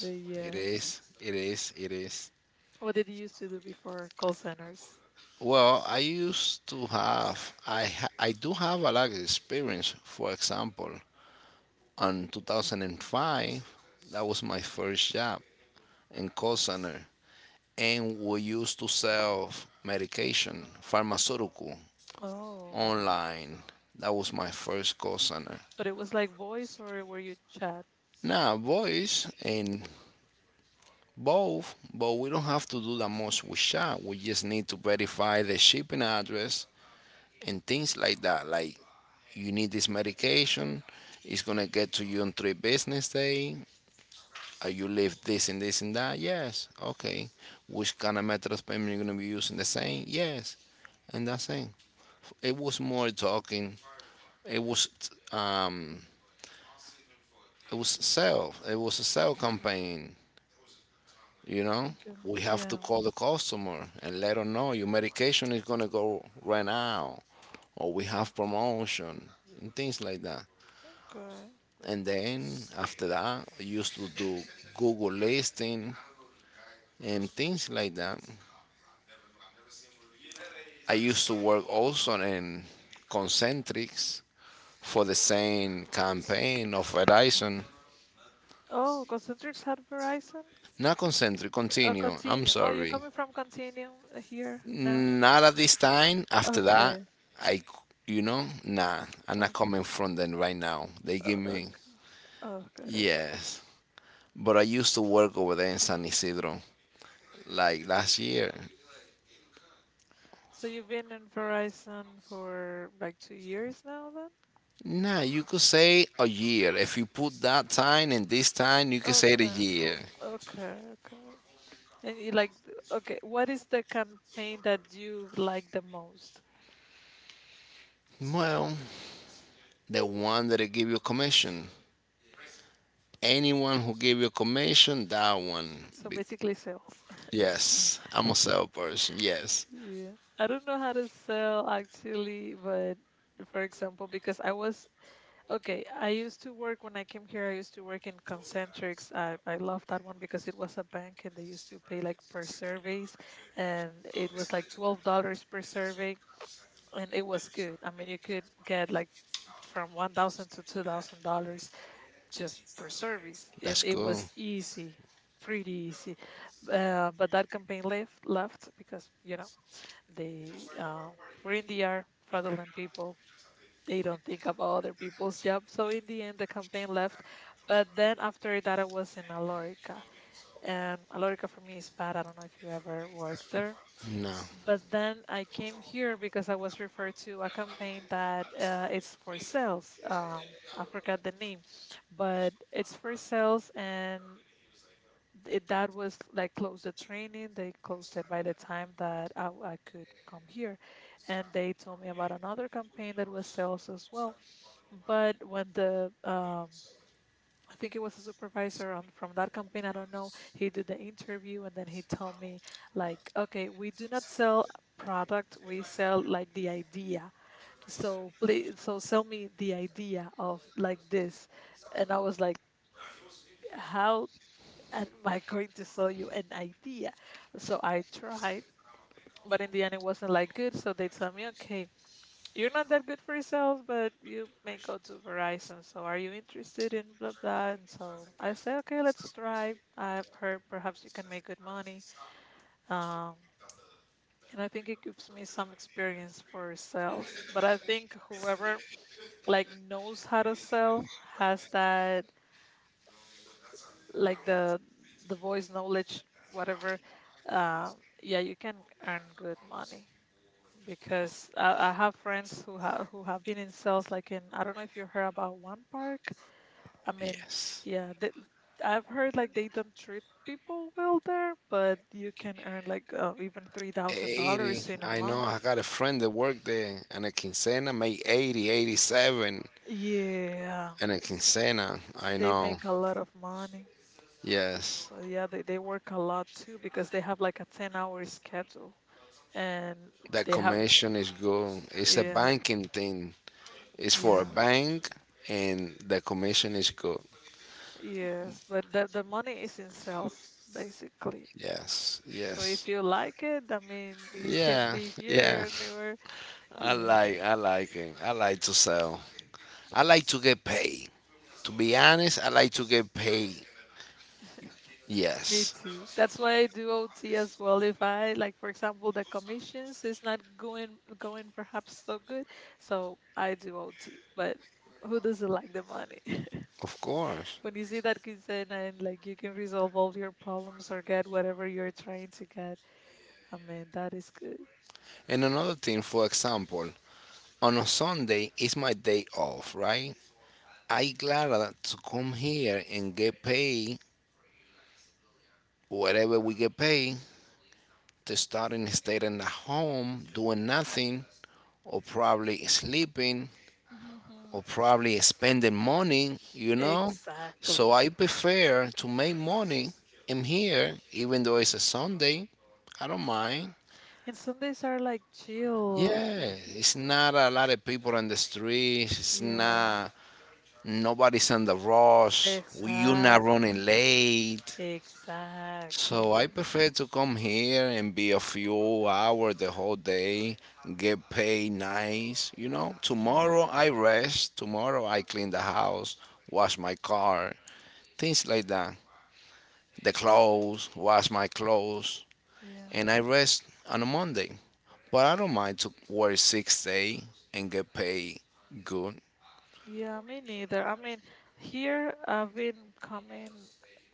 [SPEAKER 1] But
[SPEAKER 2] it
[SPEAKER 1] yeah,
[SPEAKER 2] is. It is. It is.
[SPEAKER 1] what did you used to do before call centers?
[SPEAKER 2] Well, I used to have I ha- I do have a lot of experience. For example, in 2005, that was my first job in call center, and we used to sell medication, pharmaceutical,
[SPEAKER 1] Oh,
[SPEAKER 2] online. That was my first call center.
[SPEAKER 1] but it was like voice or were you chat?
[SPEAKER 2] Now, voice and both, but we don't have to do that much with chat. We just need to verify the shipping address and things like that, like you need this medication, it's gonna get to you in 3 business day. You live this and this and that, yes, okay. Which kind of method of payment you're gonna be using, the same, yes. And that's it. It was more talking. it was um it was sell. It was a sell campaign, you know.
[SPEAKER 1] Okay.
[SPEAKER 2] We have to
[SPEAKER 1] Yeah.
[SPEAKER 2] call the customer and let them know your medication is gonna go right now, or we have promotion and things like that.
[SPEAKER 1] Okay.
[SPEAKER 2] And then after that, I used to do Google listing and things like that. I used to work also in Concentrics, for the same campaign of Verizon.
[SPEAKER 1] Oh, Concentrix had Verizon?
[SPEAKER 2] Not Concentric,
[SPEAKER 1] Oh,
[SPEAKER 2] Continue, I'm
[SPEAKER 1] Continuum. Oh, you're
[SPEAKER 2] sorry.
[SPEAKER 1] coming from Continuum here now?
[SPEAKER 2] Not at this time, after that.
[SPEAKER 1] Okay.
[SPEAKER 2] I, you know Nah, I'm not
[SPEAKER 1] Okay.
[SPEAKER 2] coming from them right now. They give
[SPEAKER 1] Oh,
[SPEAKER 2] me,
[SPEAKER 1] okay. Okay. Okay.
[SPEAKER 2] yes. But I used to work over there in San Isidro, like last year.
[SPEAKER 1] So you've been in Verizon for like 2 years now then?
[SPEAKER 2] Nah, you could say a year. If you put that time and this time, you could say the
[SPEAKER 1] Okay.
[SPEAKER 2] year.
[SPEAKER 1] Okay. Okay. And you like, okay, what is the campaign that you like the most?
[SPEAKER 2] Well, the one that give you commission. Anyone who give you commission, that one.
[SPEAKER 1] So
[SPEAKER 2] Be-
[SPEAKER 1] basically sales.
[SPEAKER 2] Yes, I'm a salesperson. Yes,
[SPEAKER 1] Yeah, I don't know how to sell actually, but for example, because I was okay, I used to work when I came here, I used to work in Concentrics. I love that one because it was a bank and they used to pay like per surveys, and it was like $12 per survey, and it was good. I mean, you could get like from 1,000 to $2,000 just for service, and
[SPEAKER 2] that's
[SPEAKER 1] it
[SPEAKER 2] cool.
[SPEAKER 1] was easy, pretty easy. But that campaign left because you know they we in the air, fraudulent people. They don't think about other people's job. So in the end, the campaign left. But then after that, I was in Alorica, and Alorica for me is bad. I don't know if you ever worked there.
[SPEAKER 2] No,
[SPEAKER 1] But then I came here because I was referred to a campaign that it's for sales. I forgot the name, but it's for sales, and it, that was like closed the training. They closed it by the time that I could come here. And they told me about another campaign that was sales as well. But when the, I think it was a supervisor on, from that campaign, I don't know, he did the interview and then he told me, like, okay, we do not sell product, we sell like the idea. So please, so sell me the idea of like this. And I was like, how am I going to sell you an idea? So I tried, but in the end, it wasn't like good. So they tell me, okay, you're not that good for sales, but you may go to Verizon. So are you interested in blah blah? And so I say, okay, let's try. I've heard perhaps you can make good money. Um, and I think it gives me some experience for sales. But I think whoever like knows how to sell has that like the voice knowledge, whatever, uh, yeah, you can earn good money because I have friends who have been in sales, like in, I don't know if you heard about One Park. I mean,
[SPEAKER 2] yes.
[SPEAKER 1] yeah they, I've heard like they don't treat people well there, but you can earn like even three thousand
[SPEAKER 2] 80.
[SPEAKER 1] dollars in a
[SPEAKER 2] I know
[SPEAKER 1] month.
[SPEAKER 2] I got a friend that worked there and a quincena made 80, 87
[SPEAKER 1] Yeah
[SPEAKER 2] and a quincena. I
[SPEAKER 1] they
[SPEAKER 2] know.
[SPEAKER 1] make a lot of money,
[SPEAKER 2] Yes.
[SPEAKER 1] but yeah they work a lot too because they have like a 10-hour schedule and
[SPEAKER 2] The
[SPEAKER 1] they have.
[SPEAKER 2] commission is good. It's a
[SPEAKER 1] Yeah,
[SPEAKER 2] banking thing. It's for a
[SPEAKER 1] yeah,
[SPEAKER 2] bank, and the commission is good.
[SPEAKER 1] yes. But the money is in sales basically.
[SPEAKER 2] Yes,
[SPEAKER 1] So
[SPEAKER 2] yes,
[SPEAKER 1] if you like it, I mean, you can
[SPEAKER 2] yeah,
[SPEAKER 1] be
[SPEAKER 2] yeah.
[SPEAKER 1] here and anywhere.
[SPEAKER 2] I
[SPEAKER 1] Yeah,
[SPEAKER 2] like, I like it. I like to sell. I like to get paid. To be honest, I like to get paid.
[SPEAKER 1] me
[SPEAKER 2] Yes,
[SPEAKER 1] too. That's why I do OT as well. If I like, for example, the commissions is not going perhaps so good, so I do OT. But who doesn't like the money?
[SPEAKER 2] of course.
[SPEAKER 1] When you see that quinceana and like you can resolve all your problems or get whatever you're trying to get, I mean, that is good.
[SPEAKER 2] And another thing, for example, on a Sunday is my day off, right? I glad to come here and get paid whatever we get paid, to starting staying in the home doing nothing, or probably sleeping, or
[SPEAKER 1] Mhm.
[SPEAKER 2] probably spending money. So
[SPEAKER 1] Exactly.
[SPEAKER 2] I prefer to make money in here even though it's a Sunday, I don't mind.
[SPEAKER 1] And Sundays are like chill.
[SPEAKER 2] Yeah, it's not a lot of people on the streets, it's
[SPEAKER 1] Yeah,
[SPEAKER 2] not, nobody's on the rush, you're not
[SPEAKER 1] exactly.
[SPEAKER 2] running late. So I
[SPEAKER 1] Exactly.
[SPEAKER 2] prefer to come here and be a few hours the whole day, get paid nice. You know,
[SPEAKER 1] Yeah,
[SPEAKER 2] tomorrow I rest, tomorrow I clean the house, wash my car, things like that. The clothes, wash my clothes,
[SPEAKER 1] yeah.
[SPEAKER 2] and I rest on a Monday. But I don't mind to work 6 day and get paid good.
[SPEAKER 1] Yeah, me neither. I mean, here I've been coming.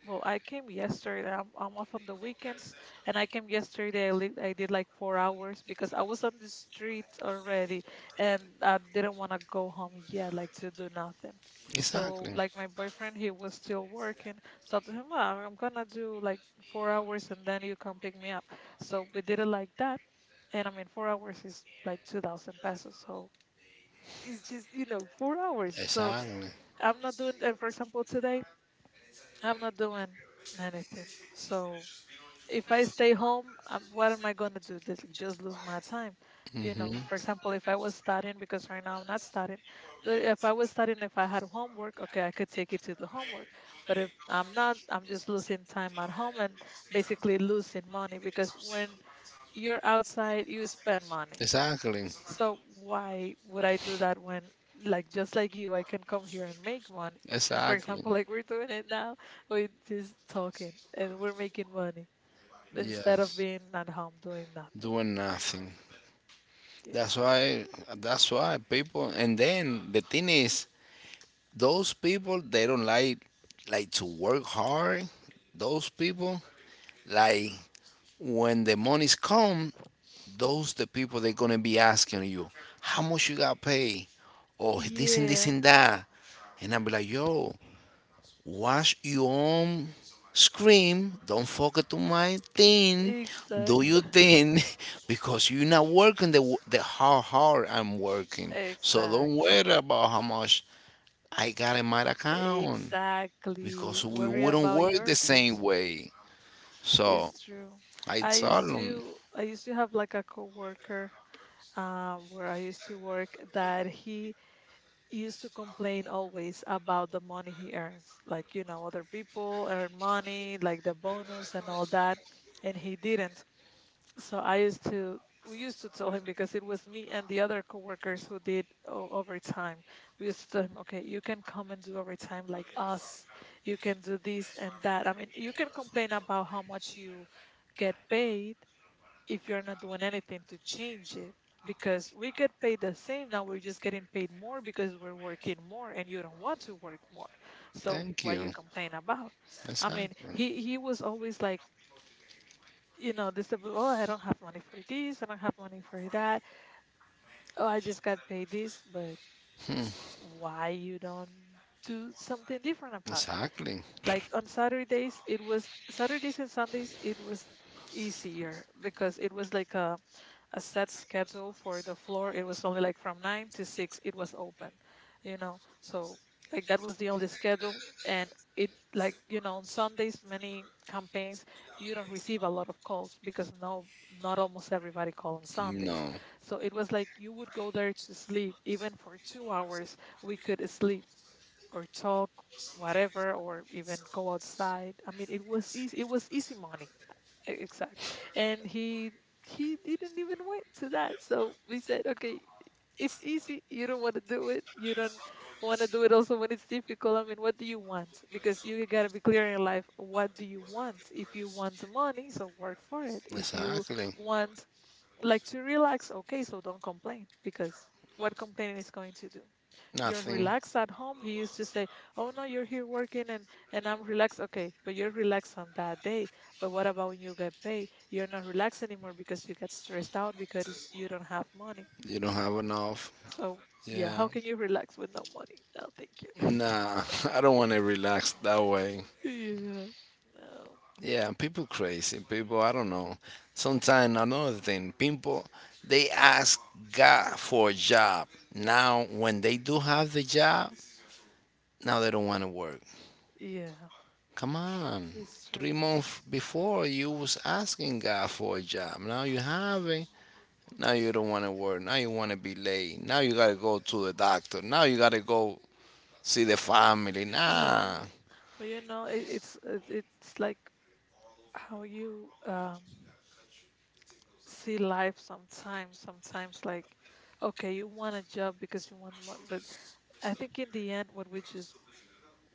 [SPEAKER 1] Well, I came yesterday. I'm off on the weekends, and I came yesterday. I did like 4 hours because I was on the street already, and I didn't want to go home yet, like to do nothing. So,
[SPEAKER 2] Exactly.
[SPEAKER 1] like my boyfriend, he was still working. So I told him, "Ah, I'm gonna do like 4 hours, and then you come pick me up. So we did it like that, and I mean, 4 hours is like 2,000 pesos. So it's just you know 4 hours. So
[SPEAKER 2] Exactly.
[SPEAKER 1] I'm not doing, for example, today, I'm not doing anything. So if I stay home, I what am I going to do? Just lose my time. You know, for example, if I was studying, because right now I'm not studying, but if I was studying, if I had homework, okay, I could take it to the homework. But if I'm not, I'm just losing time at home and basically losing money because when you're outside, you spend money.
[SPEAKER 2] Exactly.
[SPEAKER 1] So why would I do that when, like, just like you, I can come here and make money? And for
[SPEAKER 2] Exactly.
[SPEAKER 1] example, like we're doing it now, we're just talking and we're making money
[SPEAKER 2] Yeah.
[SPEAKER 1] instead of being at home doing nothing.
[SPEAKER 2] Doing nothing.
[SPEAKER 1] Yeah.
[SPEAKER 2] That's why. That's why people. And then the thing is, those people they don't like to work hard. Those people like when the monies come, those the people they're gonna be asking you, how much you got paid, or this and this
[SPEAKER 1] Yeah.
[SPEAKER 2] and that. And I'm like, yo, watch your own scream. Don't focus to my thing. Do
[SPEAKER 1] Exact.
[SPEAKER 2] your thing, because you're not working the how hard I'm working. So don't worry
[SPEAKER 1] Exactly.
[SPEAKER 2] about how much I got in my account,
[SPEAKER 1] Exactly.
[SPEAKER 2] because we
[SPEAKER 1] Worry
[SPEAKER 2] wouldn't
[SPEAKER 1] about
[SPEAKER 2] work the
[SPEAKER 1] your pay.
[SPEAKER 2] same way. So
[SPEAKER 1] It's true.
[SPEAKER 2] I
[SPEAKER 1] I
[SPEAKER 2] tell
[SPEAKER 1] used
[SPEAKER 2] them,
[SPEAKER 1] to I used to have like a coworker where I used to work that he used to complain always about the money he earns. Like, you know, other people earn money, like the bonus and all that, and he didn't. So I used to, we used to tell him because it was me and the other coworkers who did overtime. We used to tell him, okay, you can come and do overtime like us. You can do this and that. I mean, you can complain about how much you get paid if you're not doing anything to change it, because we get paid the same. Now we're just getting paid more because we're working more and you don't want to work more, so
[SPEAKER 2] thank
[SPEAKER 1] why you
[SPEAKER 2] you.
[SPEAKER 1] complain about? I mean,
[SPEAKER 2] Exactly.
[SPEAKER 1] he was always like, you know, this, oh, I don't have money for this, I don't have money for that, oh, I just got paid this. But why you don't do something different about it?
[SPEAKER 2] Exactly.
[SPEAKER 1] Like on Saturdays, it was Saturdays and Sundays, it was easier because it was like a set schedule for the floor. It was only like from nine to six. It was open. So like that was the only schedule. And it, like, you know, on Sundays many campaigns, you don't receive a lot of calls because no, not almost everybody call on Sundays.
[SPEAKER 2] No.
[SPEAKER 1] So it was like you would go there to sleep even for 2 hours. We could sleep or talk whatever, or even go outside. I mean, it was easy, it was easy money. Exactly. And he didn't even went to that. So we said, okay, it's easy. You don't want to do it. You don't want to do it also when it's difficult. I mean, what do you want? Because you gotta be clear in life. What do you want? If you want money, so work for it. If you
[SPEAKER 2] Exactly.
[SPEAKER 1] want like to relax, okay, so don't complain, because what complaining is going to do? You're
[SPEAKER 2] Nothing.
[SPEAKER 1] relaxed at home, he used to say. Oh, no, you're here working, and I'm relaxed. Okay, but you're relaxed on that day. But what about when you get paid? You're not relaxed anymore because you get stressed out because you don't have money.
[SPEAKER 2] You don't have enough.
[SPEAKER 1] So yeah,
[SPEAKER 2] Yeah.
[SPEAKER 1] how can you relax with no money? No, thank you.
[SPEAKER 2] Nah. I don't want to relax that way.
[SPEAKER 1] Yeah. No.
[SPEAKER 2] Yeah. People crazy. People. I don't know. Sometimes another thing. People. They ask God for a job. Now, when they do have the job, now they don't want to work.
[SPEAKER 1] Yeah,
[SPEAKER 2] Come on.
[SPEAKER 1] it's true.
[SPEAKER 2] 3 months before, you was asking God for a job. Now you have it. Now you don't want to work. Now you want to be late. Now you gotta go to the doctor. Now you gotta go see the family.
[SPEAKER 1] Yeah,
[SPEAKER 2] Nah,
[SPEAKER 1] but you know, it, it's like how you see life. Sometimes like, okay, you want a job because you want one. But I think in the end what we just,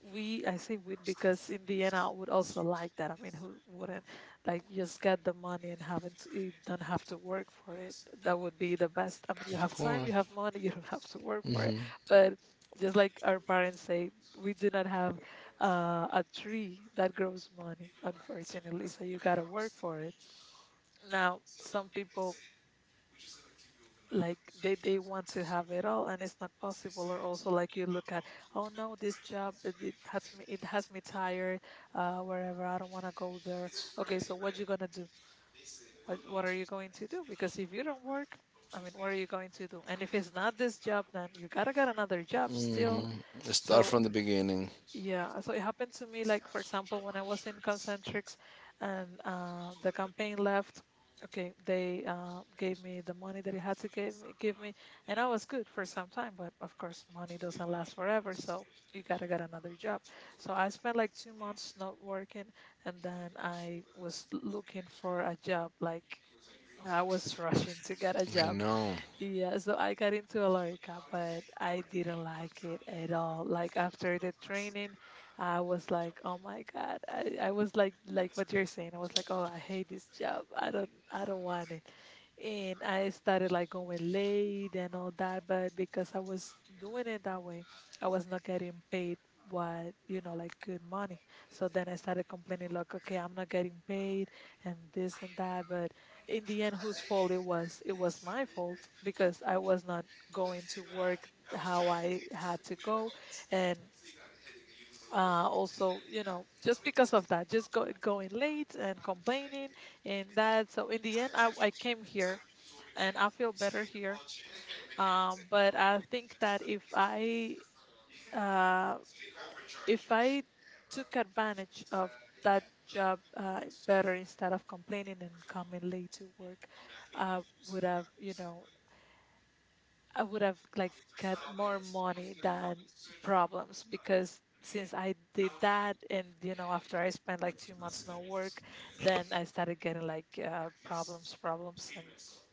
[SPEAKER 1] we I say we because in the end I would also like that. I mean, who wouldn't like just get the money and haven't to, you don't have to work for it? That would be the best. I mean, you have
[SPEAKER 2] come
[SPEAKER 1] time, you
[SPEAKER 2] on.
[SPEAKER 1] have money, you don't have to work for it. But just like our parents say, we do not have a tree that grows money, unfortunately, so you got to work for it. Now some people, like, they want to have it all and it's not possible. Or also, like, you look at, oh no, this job, it has me, it has me tired wherever. I don't want to go there. Okay, so what you gonna do? What are you going to do? Because if you don't work, I mean, what are you going to do? And if it's not this job, then you gotta get another job still.
[SPEAKER 2] Start
[SPEAKER 1] So
[SPEAKER 2] from the beginning.
[SPEAKER 1] yeah, so it happened to me, like, for example, when I was in Concentrix, and the campaign left. Okay, they gave me the money that it had to give me, and I was good for some time, but of course, money doesn't last forever, so you gotta get another job. So I spent like 2 months not working, and then I was looking for a job, like, I was rushing to get a
[SPEAKER 2] I
[SPEAKER 1] job.
[SPEAKER 2] know
[SPEAKER 1] Yeah, so I got into Alorica, but I didn't like it at all. Like after the training, I was like, "Oh my God!" I was like what you're saying. I was like, "Oh, I hate this job. I don't want it." And I started like going late and all that, but because I was doing it that way, I was not getting paid what, you know, like good money. So then I started complaining like, okay, I'm not getting paid and this and that. But in the end, whose fault it was? It was my fault because I was not going to work how I had to go. And also, you know, just because of that, just go, going late and complaining and that. So in the end, I came here and I feel better here. But I think that uh, if I took advantage of that job better, instead of complaining and coming late to work, I would have, you know, I would have like got more money than problems. Because since I did that and you know, after I spent like 2 months no work, then I started getting like problems, and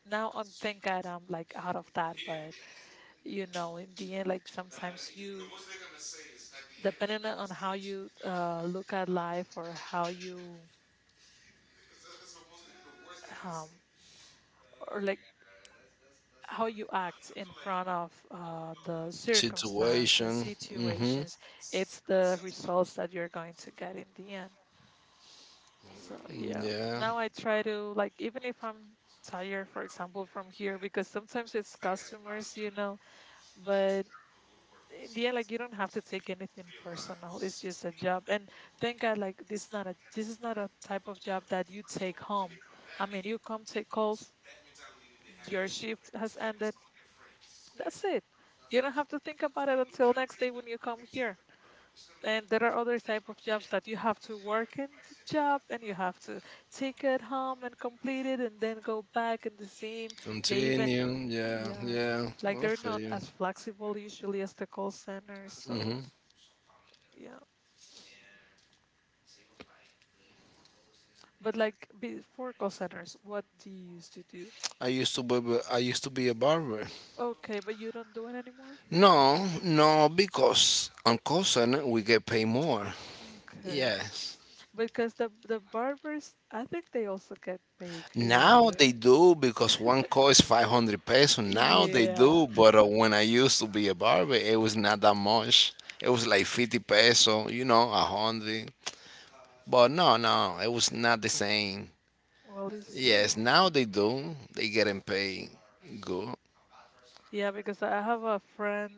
[SPEAKER 1] now I'm, thank God, I'm like out of that. But you know, in the end, like, sometimes you, depending on how you look at life, or how you um, or like how you act in front of the circumstance and
[SPEAKER 2] situation. Mhm.
[SPEAKER 1] situations, it's the results that you're going to get in the end. So yeah,
[SPEAKER 2] Yeah.
[SPEAKER 1] now I try to, like, even if I'm tired, for example, from here because sometimes it's customers, you know. But in the end, like, you don't have to take anything personal. It's just a job. And thank God, like, this is not a type of job that you take home. I mean, you come take calls, your shift has ended. That's it. You don't have to think about it until next day when you come here. And there are other type of jobs that you have to work in the job, and you have to take it home and complete it, and then go back in the same. They even,
[SPEAKER 2] Continue. Yeah.
[SPEAKER 1] yeah,
[SPEAKER 2] Yeah.
[SPEAKER 1] like
[SPEAKER 2] Well, I
[SPEAKER 1] they're
[SPEAKER 2] feel
[SPEAKER 1] not
[SPEAKER 2] you.
[SPEAKER 1] as flexible usually as the call centers. So
[SPEAKER 2] Mhm.
[SPEAKER 1] yeah. But like before call centers, what do you used to do?
[SPEAKER 2] I used to be a barber.
[SPEAKER 1] Okay, but you don't do it anymore?
[SPEAKER 2] No. No. Because on call center we get paid more.
[SPEAKER 1] Okay.
[SPEAKER 2] Yes.
[SPEAKER 1] Because the barbers, I think they also get paid
[SPEAKER 2] Now
[SPEAKER 1] good.
[SPEAKER 2] they do because one call is 500 pesos. Now they
[SPEAKER 1] Yeah.
[SPEAKER 2] do, but when I used to be a barber, it was not that much. It was like 50 pesos, 100. But no, no, it was not the same.
[SPEAKER 1] Well, it's
[SPEAKER 2] Yes,
[SPEAKER 1] true.
[SPEAKER 2] now they do. They getting paid good.
[SPEAKER 1] Yeah, because I have a friend,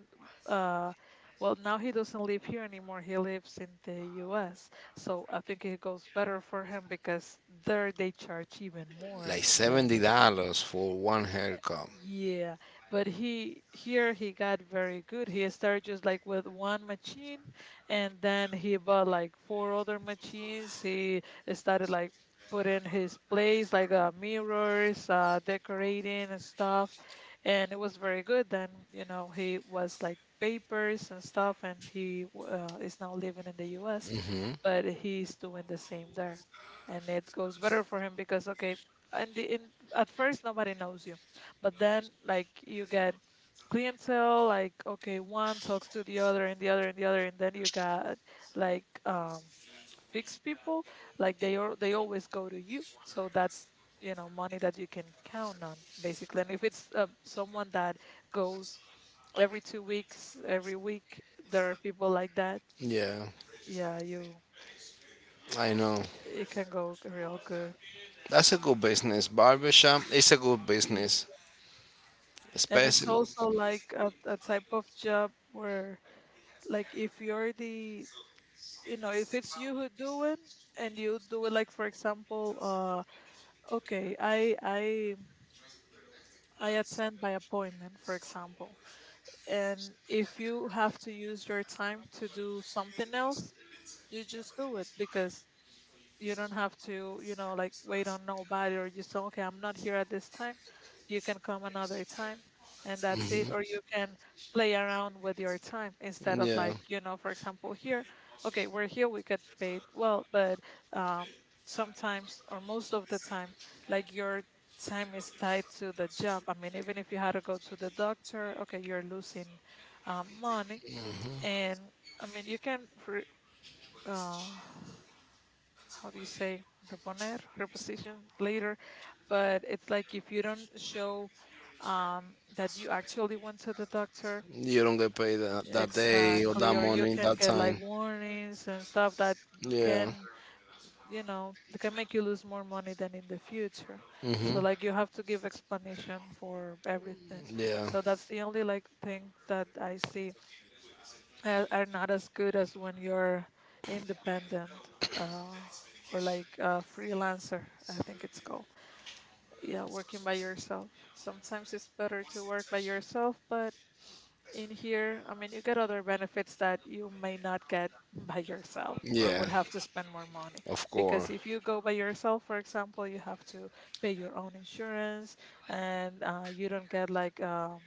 [SPEAKER 1] uh, well, now he doesn't live here anymore. He lives in the US. So I think it goes better for him because there they charge even more
[SPEAKER 2] Like
[SPEAKER 1] than here.
[SPEAKER 2] $70 for one haircut.
[SPEAKER 1] Yeah, but he, here he got very good. He started just like with one machine, and then he bought like four other machines. He started like putting his place like mirrors, decorating and stuff, and it was very good. Then, you know, he was like papers and stuff and he w- is now living in the US, but he's doing the same there. And it goes better for him because, okay, and the, in at first nobody knows you, but then, like, you get clientele, like, okay, one talks to the other and the other and the other, and then you got like fixed people, like they always go to you. So that's, you know, money that you can count on basically. And if it's someone that goes every 2 weeks, every week, there are people like that.
[SPEAKER 2] Yeah,
[SPEAKER 1] Yeah, you
[SPEAKER 2] I know.
[SPEAKER 1] it can go real good.
[SPEAKER 2] That's a good business. Barbershop is a good
[SPEAKER 1] Y-
[SPEAKER 2] business,
[SPEAKER 1] And it's
[SPEAKER 2] especially.
[SPEAKER 1] also like a, type of job where, like, if you're the, you know, if it's you who do it, and you do it, like, for example, okay, I attend by appointment, for example, and if you have to use your time to do something else, you just do it because you don't have to, you know, like wait on nobody, or you say, okay, I'm not here at this time, you can come another time, and that's
[SPEAKER 2] Hmm.
[SPEAKER 1] it. Or you can play around with your time instead of,
[SPEAKER 2] Yeah.
[SPEAKER 1] like, you know, for example, here, okay, we're here, we get paid well, but um, sometimes or most of the time, like, your time is tied to the job. I mean, even if you had to go to the doctor, okay, you're losing money. And I mean, you can re- uh, how do you say, reponer, reposition later. But it's like, if you don't show that you actually went to the doctor,
[SPEAKER 2] You don't get paid that day, or
[SPEAKER 1] exactly,
[SPEAKER 2] that
[SPEAKER 1] or you
[SPEAKER 2] morning,
[SPEAKER 1] can
[SPEAKER 2] that
[SPEAKER 1] get like
[SPEAKER 2] time.
[SPEAKER 1] warnings and stuff that
[SPEAKER 2] Yeah.
[SPEAKER 1] can, you know, that can make you lose more money than in the future. So
[SPEAKER 2] Hmm.
[SPEAKER 1] like you have to give explanation for everything.
[SPEAKER 2] Yeah.
[SPEAKER 1] So that's the only like thing that I see are not as good as when you're independent, uh, or like a freelancer, I think it's called. Yeah, working by yourself. Sometimes it's better to work by yourself, but in here, I mean, you get other benefits that you may not get by yourself or
[SPEAKER 2] Yeah.
[SPEAKER 1] would have to spend more money.
[SPEAKER 2] Of
[SPEAKER 1] Because
[SPEAKER 2] course.
[SPEAKER 1] if you go by yourself, for example, you have to pay your own insurance, and you don't get like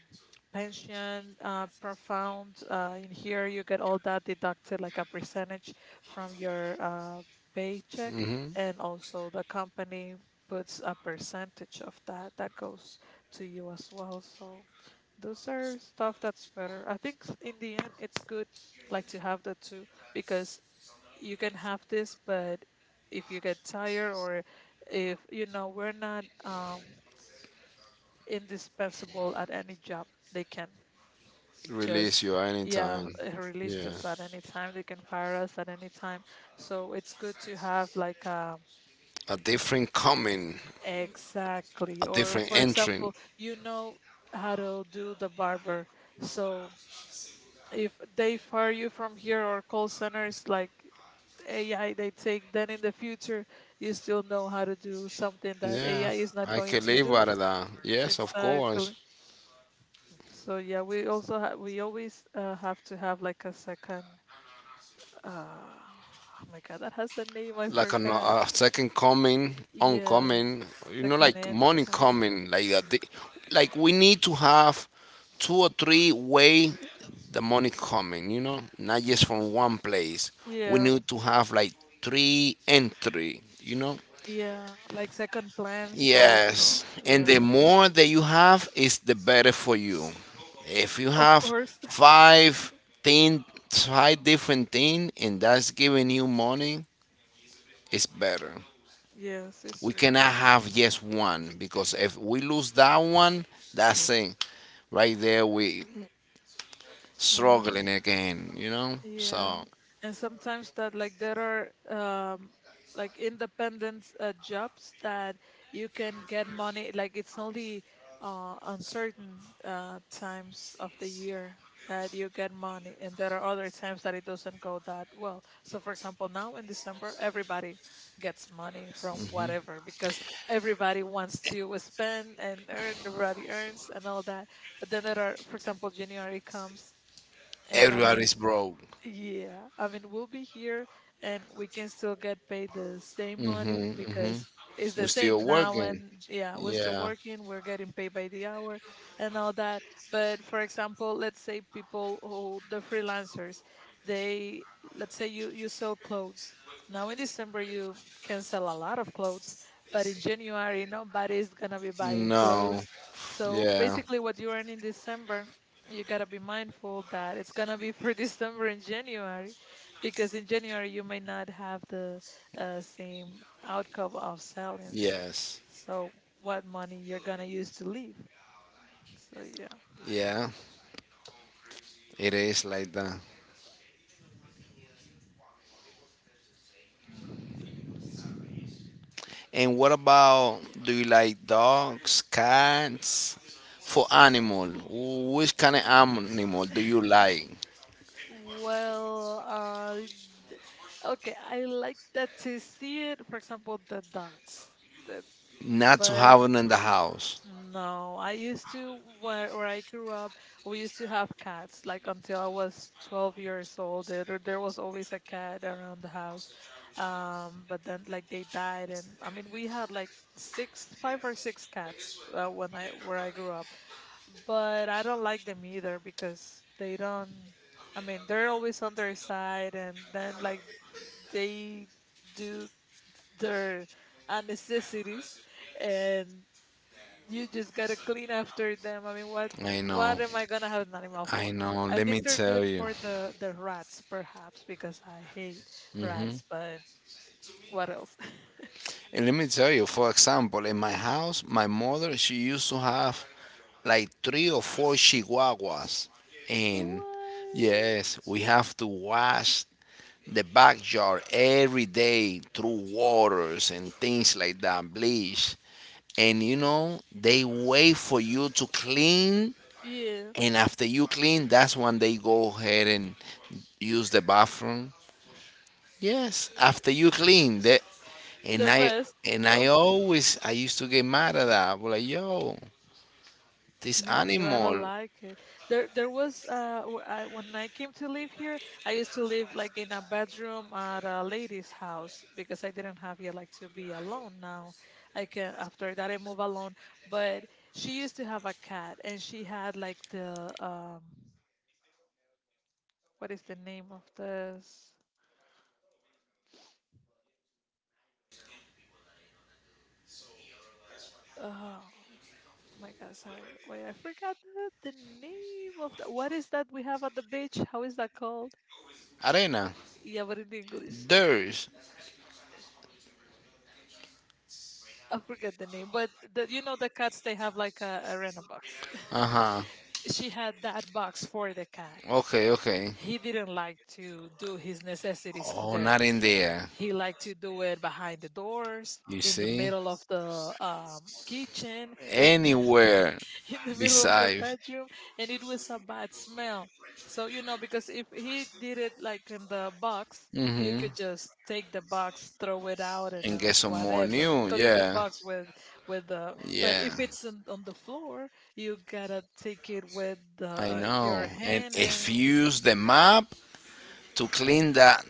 [SPEAKER 1] pension profound. In here, you get all that deducted like a percentage from your paycheck,
[SPEAKER 2] Hmm.
[SPEAKER 1] and also the company puts a percentage of that that goes to you as well. So those are stuff that's better. I think in the end, it's good like to have the two because you can have this, but if you get tired or if you know we're not indispensable at any job, they can
[SPEAKER 2] Release
[SPEAKER 1] just
[SPEAKER 2] you
[SPEAKER 1] yeah,
[SPEAKER 2] anytime.
[SPEAKER 1] release
[SPEAKER 2] Yeah.
[SPEAKER 1] us at any time. They can fire us at any time. So it's good to have like
[SPEAKER 2] A different coming,
[SPEAKER 1] exactly,
[SPEAKER 2] a
[SPEAKER 1] or
[SPEAKER 2] different
[SPEAKER 1] for
[SPEAKER 2] entering.
[SPEAKER 1] example, you know how to do the barber. So if they fire you from here or call centers like AI, they take then in the future you still know how to do something that
[SPEAKER 2] Yeah.
[SPEAKER 1] AI is not
[SPEAKER 2] I
[SPEAKER 1] going
[SPEAKER 2] can
[SPEAKER 1] to
[SPEAKER 2] live
[SPEAKER 1] do.
[SPEAKER 2] out of that. Yes, of
[SPEAKER 1] Exactly.
[SPEAKER 2] course.
[SPEAKER 1] So yeah, we also we always have to have like a second. Uh, oh my God, that has a name. I
[SPEAKER 2] Like an,
[SPEAKER 1] forgot.
[SPEAKER 2] a second coming,
[SPEAKER 1] Yeah,
[SPEAKER 2] oncoming,
[SPEAKER 1] second
[SPEAKER 2] like money
[SPEAKER 1] income.
[SPEAKER 2] coming, like that. Like we need to have 2 or 3 way the money coming, not just from
[SPEAKER 1] Mhm.
[SPEAKER 2] one place. We
[SPEAKER 1] Yeah,
[SPEAKER 2] need to have like three entry.
[SPEAKER 1] yeah, like second plans
[SPEAKER 2] Yes,
[SPEAKER 1] also.
[SPEAKER 2] and
[SPEAKER 1] Yeah,
[SPEAKER 2] the more that you have, is the better for you. If you
[SPEAKER 1] of
[SPEAKER 2] have
[SPEAKER 1] course.
[SPEAKER 2] five thing, five different thing, and that's giving you money, it's better.
[SPEAKER 1] Yes, it's
[SPEAKER 2] We
[SPEAKER 1] true.
[SPEAKER 2] cannot have just one because if we lose that one, that's it. Right there, we
[SPEAKER 1] Yeah,
[SPEAKER 2] struggling again. You know,
[SPEAKER 1] yeah.
[SPEAKER 2] so
[SPEAKER 1] And sometimes that like there are like independent jobs that you can get money. Like it's only uncertain times of the year that you get money, and there are other times that it doesn't go that well. So, for example, now in December, everybody gets money from whatever because everybody wants to spend and earn. Everybody earns and all that. But then there are, for example, January comes, and I mean
[SPEAKER 2] everybody's broke.
[SPEAKER 1] yeah, I mean, we'll be here and we can still get paid the same money because it's
[SPEAKER 2] We're
[SPEAKER 1] the same
[SPEAKER 2] still
[SPEAKER 1] now.
[SPEAKER 2] working.
[SPEAKER 1] And yeah, we're still
[SPEAKER 2] Yeah,
[SPEAKER 1] working, we're getting paid by the hour and all that. But for example, let's say people who, the freelancers, they, let's say you, you sell clothes. Now in December, you can sell a lot of clothes, but in January, nobody's gonna be buying clothes.
[SPEAKER 2] no,
[SPEAKER 1] So
[SPEAKER 2] yeah,
[SPEAKER 1] basically, what you earn in December you gotta be mindful that it's gonna be for December and January, because in January you may not have the same outcome of sellings.
[SPEAKER 2] yes,
[SPEAKER 1] So what money you're gonna use to leave? So yeah.
[SPEAKER 2] yeah. It is like that. And what about do you like dogs, cats? For animal, which kind of animal do you like?
[SPEAKER 1] Well, d- okay, I like that to see it. For example, the dogs, the,
[SPEAKER 2] Not to
[SPEAKER 1] but
[SPEAKER 2] have it in the house.
[SPEAKER 1] no, I used to, where I grew up, we used to have cats. Like until I was 12 years old, there was always a cat around the house. But then like they died, and I mean we had like six, five or six cats when I where I grew up. But I don't like them either because they don't. I mean they're always on their side, and then like they do their necessities and you just gotta clean after them. I mean,
[SPEAKER 2] I know,
[SPEAKER 1] what am I gonna have an animal
[SPEAKER 2] I
[SPEAKER 1] for?
[SPEAKER 2] know.
[SPEAKER 1] I
[SPEAKER 2] Let me
[SPEAKER 1] think they're
[SPEAKER 2] tell
[SPEAKER 1] good
[SPEAKER 2] you.
[SPEAKER 1] for the rats, perhaps, because I hate rats.
[SPEAKER 2] Hmm?
[SPEAKER 1] But what else?
[SPEAKER 2] And let me tell you, for example, in my house, my mother, she used to have like three or four chihuahuas. And
[SPEAKER 1] What?
[SPEAKER 2] yes, we have to wash the backyard every day through waters and things like that, bleach. And you know, they wait for you to clean.
[SPEAKER 1] Yeah,
[SPEAKER 2] And after you clean, that's when they go ahead and use the bathroom. Yes, after you clean, that. and
[SPEAKER 1] the
[SPEAKER 2] I
[SPEAKER 1] best,
[SPEAKER 2] and I
[SPEAKER 1] of
[SPEAKER 2] always I used to get mad at that. I was like, yo, this
[SPEAKER 1] me too. I don't
[SPEAKER 2] animal,
[SPEAKER 1] like it. There was when I came to live here, I used to live like in a bedroom at a lady's house because I didn't have yet like to be alone. Now I can. After that I move alone. But she used to have a cat, and she had like the what is the name of this? Oh my God, sorry. Wait, I forgot the name of the. What is that we have at the beach? How is that called?
[SPEAKER 2] arena,
[SPEAKER 1] Yeah, but in English.
[SPEAKER 2] there's,
[SPEAKER 1] I forget the name, but you know the cats they have like a rental box.
[SPEAKER 2] uh huh,
[SPEAKER 1] She had that box for the cat.
[SPEAKER 2] okay, okay.
[SPEAKER 1] He didn't like to do his necessities in
[SPEAKER 2] Oh,
[SPEAKER 1] there.
[SPEAKER 2] not in there.
[SPEAKER 1] He liked to do it behind the doors,
[SPEAKER 2] You
[SPEAKER 1] in the
[SPEAKER 2] see?
[SPEAKER 1] middle of the kitchen, in
[SPEAKER 2] Anywhere,
[SPEAKER 1] in the middle of the
[SPEAKER 2] beside.
[SPEAKER 1] bedroom, and it was a bad smell. So, you know, because if he did it like in the box, you
[SPEAKER 2] Hmm.
[SPEAKER 1] could just take the box, throw it out, and
[SPEAKER 2] And get some more
[SPEAKER 1] whatever.
[SPEAKER 2] new.
[SPEAKER 1] Clean the
[SPEAKER 2] Yeah,
[SPEAKER 1] box with the. But
[SPEAKER 2] yeah,
[SPEAKER 1] if it's on the floor, you gotta take it with
[SPEAKER 2] I know.
[SPEAKER 1] your
[SPEAKER 2] And
[SPEAKER 1] hand
[SPEAKER 2] if
[SPEAKER 1] and
[SPEAKER 2] you use the map to clean that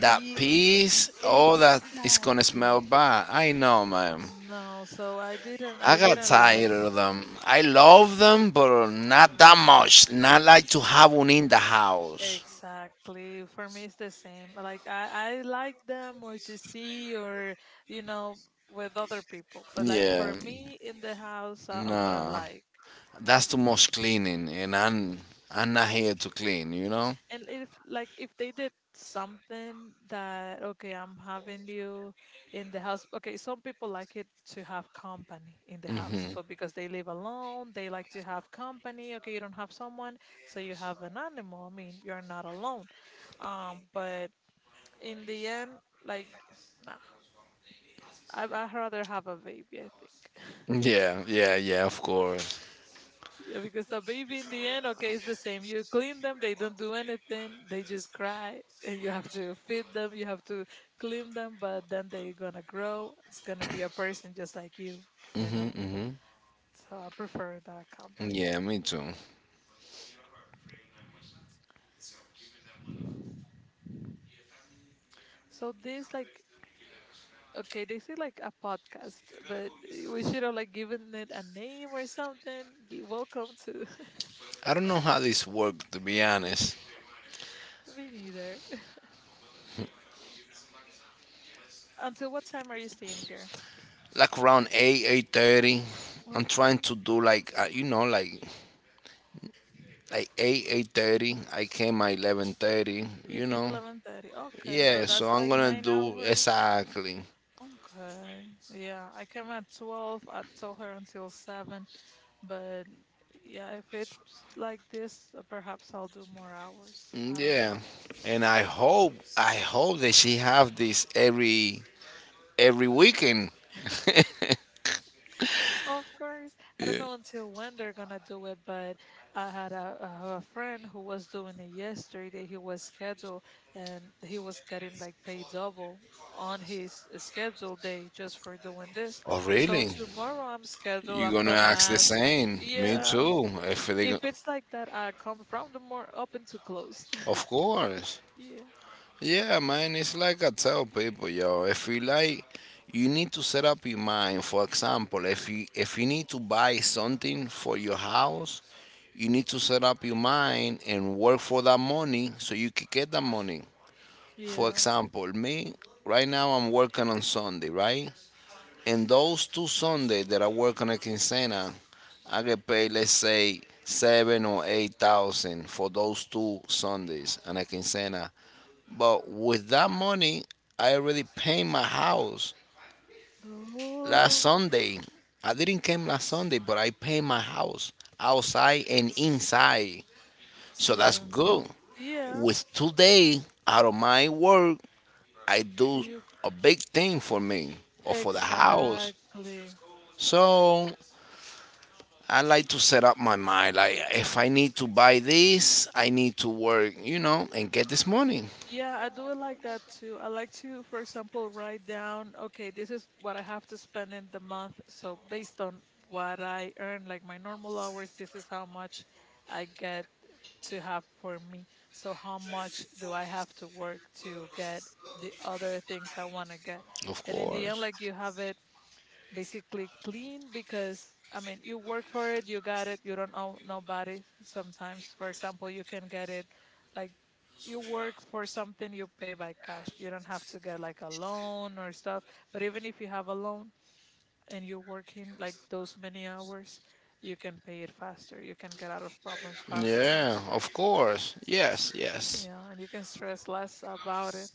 [SPEAKER 2] that
[SPEAKER 1] ye-
[SPEAKER 2] piece, all that is gonna
[SPEAKER 1] exactly.
[SPEAKER 2] smell bad. I know, man.
[SPEAKER 1] No, so I didn't.
[SPEAKER 2] I
[SPEAKER 1] I
[SPEAKER 2] got
[SPEAKER 1] didn't like
[SPEAKER 2] tired of
[SPEAKER 1] that.
[SPEAKER 2] them. I love them, but not that much. Not like to have one in the house.
[SPEAKER 1] Exactly. For me, it's the same. Like I like them or to see or you know with other people, but like
[SPEAKER 2] Yeah,
[SPEAKER 1] for me in the house, I wouldn't
[SPEAKER 2] nah,
[SPEAKER 1] like.
[SPEAKER 2] that's too much cleaning, and I'm not here to clean.
[SPEAKER 1] And if like if they did something that okay, I'm having you in the house. Okay, some people like it to have company in the house. So because they live alone, they like to have company. Okay, you don't have someone, so you have an animal. I mean, you're not alone. But in the end, like. Nah, I'd rather have a baby, I think.
[SPEAKER 2] Yeah, yeah, yeah, of course.
[SPEAKER 1] Yeah, because a baby in the end, okay, it's the same. You clean them, they don't do anything, they just cry, and you have to feed them, you have to clean them, but then they're gonna grow. It's gonna be a person just like you
[SPEAKER 2] Hmm.
[SPEAKER 1] know.
[SPEAKER 2] Hmm.
[SPEAKER 1] So I prefer that company.
[SPEAKER 2] Yeah, me too.
[SPEAKER 1] So this like okay, they say like a podcast, but we should have like given it a name or something. Welcome to
[SPEAKER 2] I don't know how this works, to be honest.
[SPEAKER 1] me neither. Until what time are you staying here?
[SPEAKER 2] Like around 8, 8:30, I'm trying
[SPEAKER 1] Okay.
[SPEAKER 2] to do like 8, 8:30. I came at 11.30,
[SPEAKER 1] You
[SPEAKER 2] you
[SPEAKER 1] came
[SPEAKER 2] know.
[SPEAKER 1] 11:30. Okay, so
[SPEAKER 2] Yeah, so
[SPEAKER 1] that's
[SPEAKER 2] I'm
[SPEAKER 1] like
[SPEAKER 2] going to
[SPEAKER 1] nine
[SPEAKER 2] do
[SPEAKER 1] hours.
[SPEAKER 2] exactly.
[SPEAKER 1] Okay. Yeah, I came at 12. I told her until 7, but yeah, if it's like this, perhaps I'll do more hours. I don't
[SPEAKER 2] Yeah.
[SPEAKER 1] know.
[SPEAKER 2] And I hope, that she have this every weekend.
[SPEAKER 1] Of course, I don't
[SPEAKER 2] Yeah.
[SPEAKER 1] know until when they're gonna do it, but I have a friend who was doing it yesterday. He was scheduled and he was getting like paid double on his scheduled day just for doing this.
[SPEAKER 2] Oh,
[SPEAKER 1] So
[SPEAKER 2] really?
[SPEAKER 1] tomorrow I'm scheduled.
[SPEAKER 2] You
[SPEAKER 1] I'm
[SPEAKER 2] gonna
[SPEAKER 1] gonna
[SPEAKER 2] ask the
[SPEAKER 1] ask,
[SPEAKER 2] same. Me
[SPEAKER 1] yeah,
[SPEAKER 2] too. If they, go-
[SPEAKER 1] if it's like that, I come from the more open to close.
[SPEAKER 2] Of course.
[SPEAKER 1] Yeah,
[SPEAKER 2] Yeah, man. It's like I tell people, yo. If you like, you need to set up your mind. For example, if you need to buy something for your house, you need to set up your mind and work for that money so you can get that money. For
[SPEAKER 1] yeah.
[SPEAKER 2] example, me right now I'm working on Sunday, right? And those two Sundays that I work on a quincena, I get paid, let's say, 7 or 8,000 for those two Sundays on a quincena. But with that money, I already paid my house last
[SPEAKER 1] Oh,
[SPEAKER 2] Sunday. I didn't came last Sunday, but I paid my house outside and inside. So that's
[SPEAKER 1] yeah,
[SPEAKER 2] good.
[SPEAKER 1] yeah.
[SPEAKER 2] With today out of my work, I do
[SPEAKER 1] You
[SPEAKER 2] a big thing for me or for the house.
[SPEAKER 1] exactly.
[SPEAKER 2] So I like to set up my mind. Like, if I need to buy this, I need to work, and get this money.
[SPEAKER 1] Yeah, I do it like that too. I like to, for example, write down, okay, this is what I have to spend in the month. So based on what I earn, like my normal hours, this is how much I get to have for me. So how much do I have to work to get the other things I want to get?
[SPEAKER 2] Of
[SPEAKER 1] And in the end,
[SPEAKER 2] course.
[SPEAKER 1] like you have it basically clean because I mean you work for it, you got it, you don't owe nobody. Sometimes, for example, you can get it like you work for something, you pay by cash. You don't have to get like a loan or stuff. But even if you have a loan and you're working like those many hours, you can pay it faster. You can get out of problems faster.
[SPEAKER 2] Yeah, of course. Yes, yes.
[SPEAKER 1] Yeah, and you can stress less about it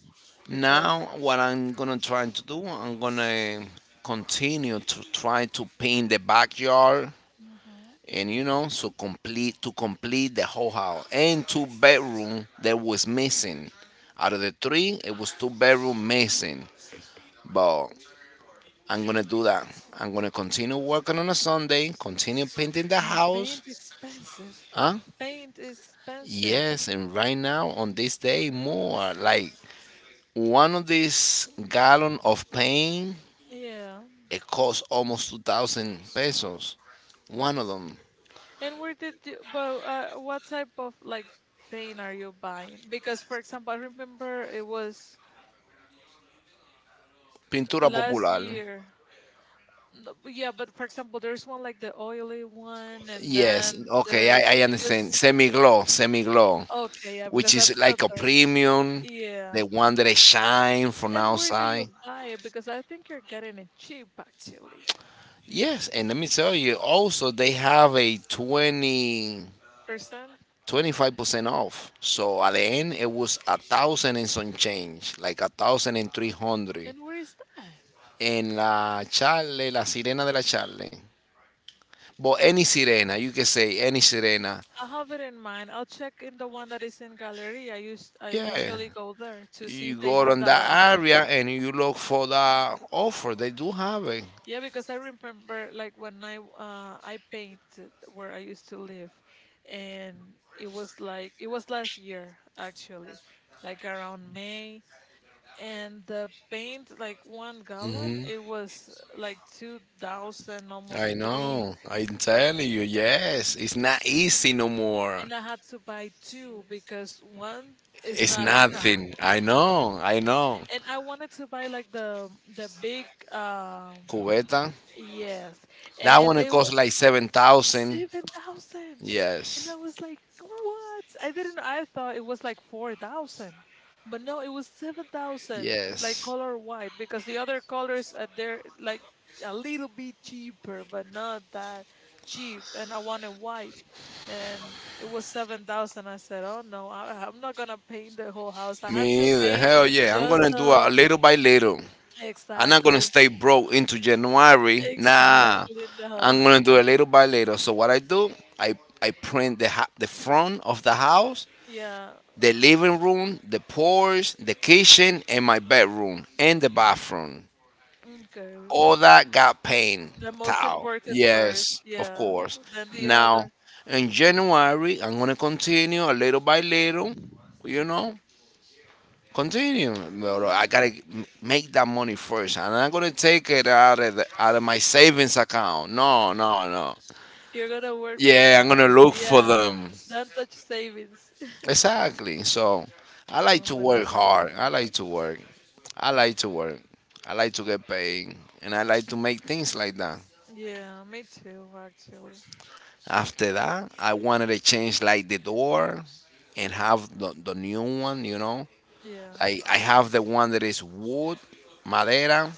[SPEAKER 1] because
[SPEAKER 2] Now, what I'm gonna try to do, I'm gonna continue to try to paint the backyard,
[SPEAKER 1] hmm
[SPEAKER 2] and you know, so complete the whole house and two bedroom that was missing. Out of the three, it was two-bedroom missing, but I'm gonna do that. I'm gonna continue working on a Sunday, continue painting the
[SPEAKER 1] and
[SPEAKER 2] house.
[SPEAKER 1] paint expensive.
[SPEAKER 2] Huh?
[SPEAKER 1] Paint is expensive.
[SPEAKER 2] Yes, and right now on this day more like one of these gallon of paint
[SPEAKER 1] Yeah.
[SPEAKER 2] it costs almost 2,000 pesos. One of them.
[SPEAKER 1] And where did you, but what type of like paint are you buying? Because for example, I remember it was
[SPEAKER 2] Pintura
[SPEAKER 1] last
[SPEAKER 2] popular.
[SPEAKER 1] year. No, but yeah, but for example, there's one like the oily one, and
[SPEAKER 2] Yes,
[SPEAKER 1] then
[SPEAKER 2] okay,
[SPEAKER 1] there's
[SPEAKER 2] I
[SPEAKER 1] because
[SPEAKER 2] understand. Semi glow, semi glow.
[SPEAKER 1] okay, yeah,
[SPEAKER 2] Which
[SPEAKER 1] because
[SPEAKER 2] is
[SPEAKER 1] that's the
[SPEAKER 2] like a
[SPEAKER 1] best.
[SPEAKER 2] premium,
[SPEAKER 1] Yeah.
[SPEAKER 2] the one that I shine from
[SPEAKER 1] And where do you
[SPEAKER 2] outside.
[SPEAKER 1] buy it? Because I think you're getting it cheap actually.
[SPEAKER 2] Yes, and let me tell you also they have a
[SPEAKER 1] Percent.
[SPEAKER 2] twenty-five percent off. So at the end it was a thousand and some change, like a thousand and three hundred.
[SPEAKER 1] And where is that?
[SPEAKER 2] And la Charle, la Sirena de la Charle. But any Sirena, you can say any Sirena.
[SPEAKER 1] I have it in mind. I'll check in the one that is in Galleria. I
[SPEAKER 2] Yeah.
[SPEAKER 1] usually go there to see
[SPEAKER 2] You
[SPEAKER 1] if they
[SPEAKER 2] go
[SPEAKER 1] have
[SPEAKER 2] on
[SPEAKER 1] that
[SPEAKER 2] that
[SPEAKER 1] offer.
[SPEAKER 2] area and you look for the offer. They do have it.
[SPEAKER 1] Yeah, because I remember like when I painted where I used to live and it was like it was last year actually, like around May and the paint like 1 gallon
[SPEAKER 2] Mm-hmm.
[SPEAKER 1] it was like 2000 almost
[SPEAKER 2] I
[SPEAKER 1] 3
[SPEAKER 2] know. I'm telling you, yes. It's not easy no more.
[SPEAKER 1] and I had to buy two because one is
[SPEAKER 2] It's
[SPEAKER 1] not enough.
[SPEAKER 2] nothing. I know. I know.
[SPEAKER 1] And I wanted to buy like the big
[SPEAKER 2] Cubeta.
[SPEAKER 1] yes.
[SPEAKER 2] That one
[SPEAKER 1] And
[SPEAKER 2] it costs like 7,000.
[SPEAKER 1] 7,000. And
[SPEAKER 2] Yes.
[SPEAKER 1] I was like, what? I didn't, I thought it was like 4,000. But no, it was 7,000, like
[SPEAKER 2] Yes.
[SPEAKER 1] color white, because the other colors are there, like a little bit cheaper, but not that cheap. And I wanted white. And it was 7,000. I said, oh no, I'm not going to paint the whole house. I had to
[SPEAKER 2] Me either.
[SPEAKER 1] paint
[SPEAKER 2] Hell yeah. I'm
[SPEAKER 1] just
[SPEAKER 2] gonna do a
[SPEAKER 1] the,
[SPEAKER 2] little by little. I'm not gonna
[SPEAKER 1] exactly,
[SPEAKER 2] stay broke into January. Nah.
[SPEAKER 1] exactly, no.
[SPEAKER 2] I'm gonna do a little by little. So what I do, I I print the the front of the house,
[SPEAKER 1] Yeah,
[SPEAKER 2] the living room, the porch, the kitchen, and my bedroom and the bathroom.
[SPEAKER 1] okay.
[SPEAKER 2] All that got paint
[SPEAKER 1] The most
[SPEAKER 2] towel.
[SPEAKER 1] important first,
[SPEAKER 2] Yes, of
[SPEAKER 1] yeah,
[SPEAKER 2] course.
[SPEAKER 1] then the
[SPEAKER 2] Now,
[SPEAKER 1] other.
[SPEAKER 2] in January, I'm gonna continue a little by little. You know, continue. But I
[SPEAKER 1] Hmm.
[SPEAKER 2] gotta make that money first, and I'm gonna take it out of the, out of my savings account. No, no, no.
[SPEAKER 1] You're gonna work for
[SPEAKER 2] Yeah, I'm
[SPEAKER 1] that,
[SPEAKER 2] gonna look for
[SPEAKER 1] yeah.
[SPEAKER 2] them.
[SPEAKER 1] Don't touch savings.
[SPEAKER 2] Exactly. So I like
[SPEAKER 1] No,
[SPEAKER 2] to
[SPEAKER 1] but
[SPEAKER 2] work
[SPEAKER 1] it's like
[SPEAKER 2] hard. I
[SPEAKER 1] that.
[SPEAKER 2] like to work. I like to work. I like to get paid. And I like to make things like that.
[SPEAKER 1] Yeah, me too, actually.
[SPEAKER 2] After that, I wanted to change like the door and have the new one, you know.
[SPEAKER 1] Yeah,
[SPEAKER 2] I have the one that is wood, madera.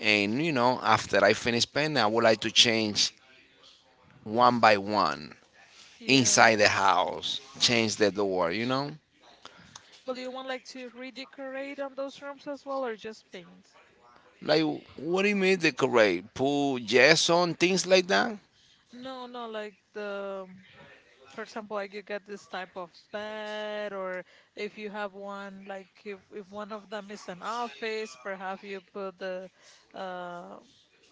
[SPEAKER 2] And, you know, after I finish painting, I would like to change one by one
[SPEAKER 1] yeah.
[SPEAKER 2] inside the house, change the door, you know.
[SPEAKER 1] But do you want like to redecorate on those rooms as well, or just paint?
[SPEAKER 2] Like, what do you mean decorate? Put Jason, things like that?
[SPEAKER 1] No, no, like the for example like you get this type of bed or if you have one like if one of them is an office perhaps you put the uh,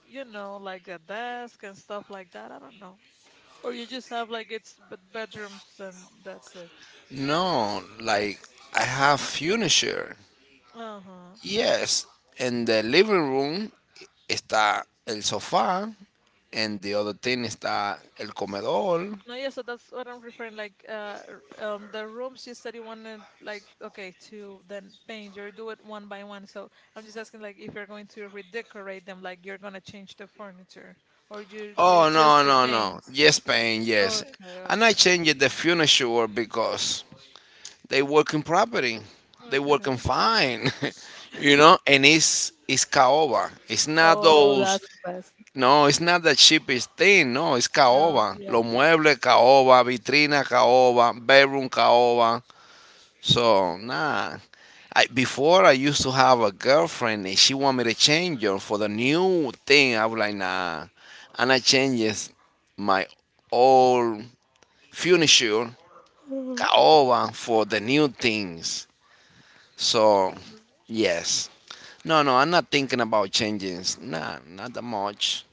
[SPEAKER 1] you know like the desk and stuff like that, I don't know, or you just have like it's bedrooms and that's it.
[SPEAKER 2] No, like, I have furniture.
[SPEAKER 1] Uh-huh.
[SPEAKER 2] Yes, in the living room está el sofá, and the other thing está el comedor.
[SPEAKER 1] No, yeah, so that's what I'm referring. Like, the rooms you said you wanted, like, okay, to then paint or do it one by one. So I'm just asking, like, if you're going to redecorate them, like, you're gonna change the furniture, or you it's
[SPEAKER 2] Oh,
[SPEAKER 1] just
[SPEAKER 2] no,
[SPEAKER 1] to
[SPEAKER 2] no, no.
[SPEAKER 1] paint.
[SPEAKER 2] Yes, Spain, yes.
[SPEAKER 1] Okay,
[SPEAKER 2] And I
[SPEAKER 1] okay,
[SPEAKER 2] changed the furniture because they work in property. They working
[SPEAKER 1] okay.
[SPEAKER 2] fine. You know, and it's caoba. It's not
[SPEAKER 1] Oh,
[SPEAKER 2] those.
[SPEAKER 1] that's the best.
[SPEAKER 2] No, it's not the cheapest thing. No, it's
[SPEAKER 1] No,
[SPEAKER 2] caoba.
[SPEAKER 1] yeah,
[SPEAKER 2] Los muebles caoba, vitrina caoba, bedroom caoba. So
[SPEAKER 1] yeah.
[SPEAKER 2] nah. I, before I used to have a girlfriend and she wanted me to change her for the new thing. I was like nah, and I changed my old furniture caoba for the new things. So yes. No, no, I'm not thinking about changing. Nah, not that much.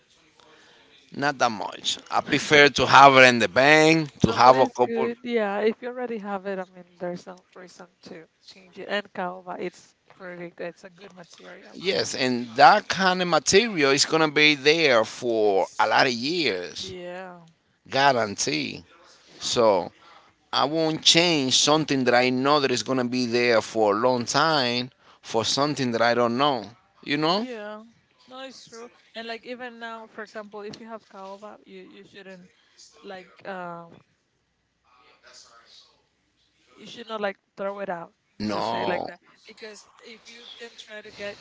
[SPEAKER 2] Not that much. I prefer to have it in the bank, to
[SPEAKER 1] No, but
[SPEAKER 2] have a
[SPEAKER 1] it's
[SPEAKER 2] couple.
[SPEAKER 1] good. Yeah, if you already have it, I mean, there's no reason to change it. And caoba, it's pretty good. It's a good material.
[SPEAKER 2] Yes, and that kind of material is gonna be there for a lot of years,
[SPEAKER 1] Yeah,
[SPEAKER 2] guarantee. So I won't change something that I know that is gonna be there for a long time for something that I don't know. You know?
[SPEAKER 1] yeah. No, it's true. And like even now, for example, if you have caoba, you shouldn't like you should not like throw it out to say like
[SPEAKER 2] No,
[SPEAKER 1] that because if you then try to get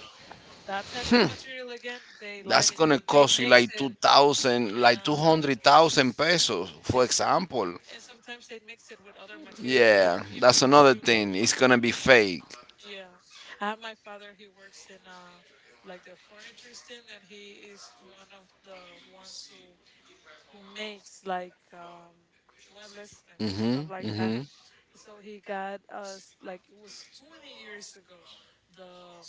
[SPEAKER 1] that type of
[SPEAKER 2] hmm,
[SPEAKER 1] material again, they lie
[SPEAKER 2] that's
[SPEAKER 1] to
[SPEAKER 2] gonna
[SPEAKER 1] you. They
[SPEAKER 2] cost you
[SPEAKER 1] mix
[SPEAKER 2] like two
[SPEAKER 1] it.
[SPEAKER 2] thousand, like two
[SPEAKER 1] Yeah,
[SPEAKER 2] hundred thousand pesos,
[SPEAKER 1] and
[SPEAKER 2] for example.
[SPEAKER 1] and sometimes they mix it with other material. They
[SPEAKER 2] Yeah,
[SPEAKER 1] don't give
[SPEAKER 2] that's
[SPEAKER 1] you
[SPEAKER 2] another
[SPEAKER 1] true
[SPEAKER 2] thing. It's
[SPEAKER 1] caoba.
[SPEAKER 2] gonna be fake.
[SPEAKER 1] Yeah. I have my father, he works in like the furniture stand and he is one of the ones who makes like muebles and stuff
[SPEAKER 2] Hmm
[SPEAKER 1] like that.
[SPEAKER 2] hmm.
[SPEAKER 1] So he got us like it was 20 years ago. The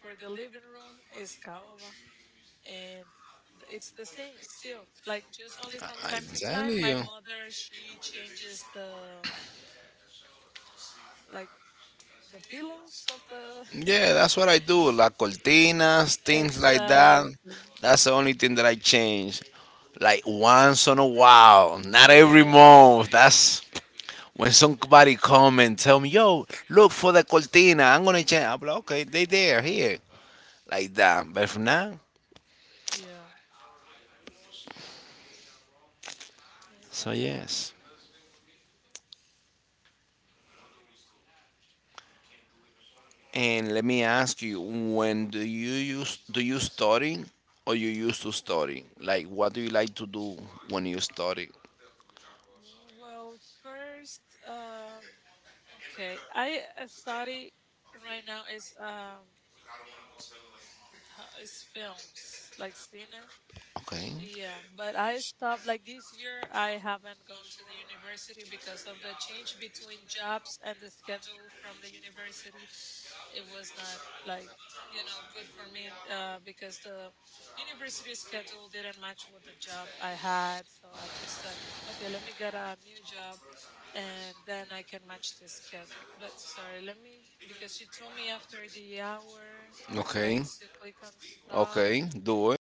[SPEAKER 1] for the living room is caoba and it's the same still. Like just only from
[SPEAKER 2] I
[SPEAKER 1] time to
[SPEAKER 2] tell
[SPEAKER 1] time my
[SPEAKER 2] you.
[SPEAKER 1] mother she changes the like the pillows of the
[SPEAKER 2] Yeah, that's what I do. La cortinas, things like that.
[SPEAKER 1] Exactly.
[SPEAKER 2] That's the only thing that I change. Like once on a while, not every
[SPEAKER 1] Yeah.
[SPEAKER 2] month. That's when somebody come and tell me, "Yo, look for the cortina. I'm gonna change." I'm like, "Okay, they there here." Like that. But for now,
[SPEAKER 1] Yeah. It's
[SPEAKER 2] so
[SPEAKER 1] like that.
[SPEAKER 2] yes.
[SPEAKER 1] Okay.
[SPEAKER 2] And let me ask you, when do you use do you study, or you used to study? Like what do you like to do when you study?
[SPEAKER 1] Well, first, okay, I study right now is is films like cine.
[SPEAKER 2] Okay.
[SPEAKER 1] Yeah, but I stopped like this year. I haven't gone to the university because of the change between jobs and the schedule from the university. It was not like you know good for me because the university schedule didn't match with the job I had. So I just said okay let me get a new job and then I can match this schedule, but sorry let me, because she told me after the hour
[SPEAKER 2] Ok.
[SPEAKER 1] like to click on stop.
[SPEAKER 2] Okay. Doe.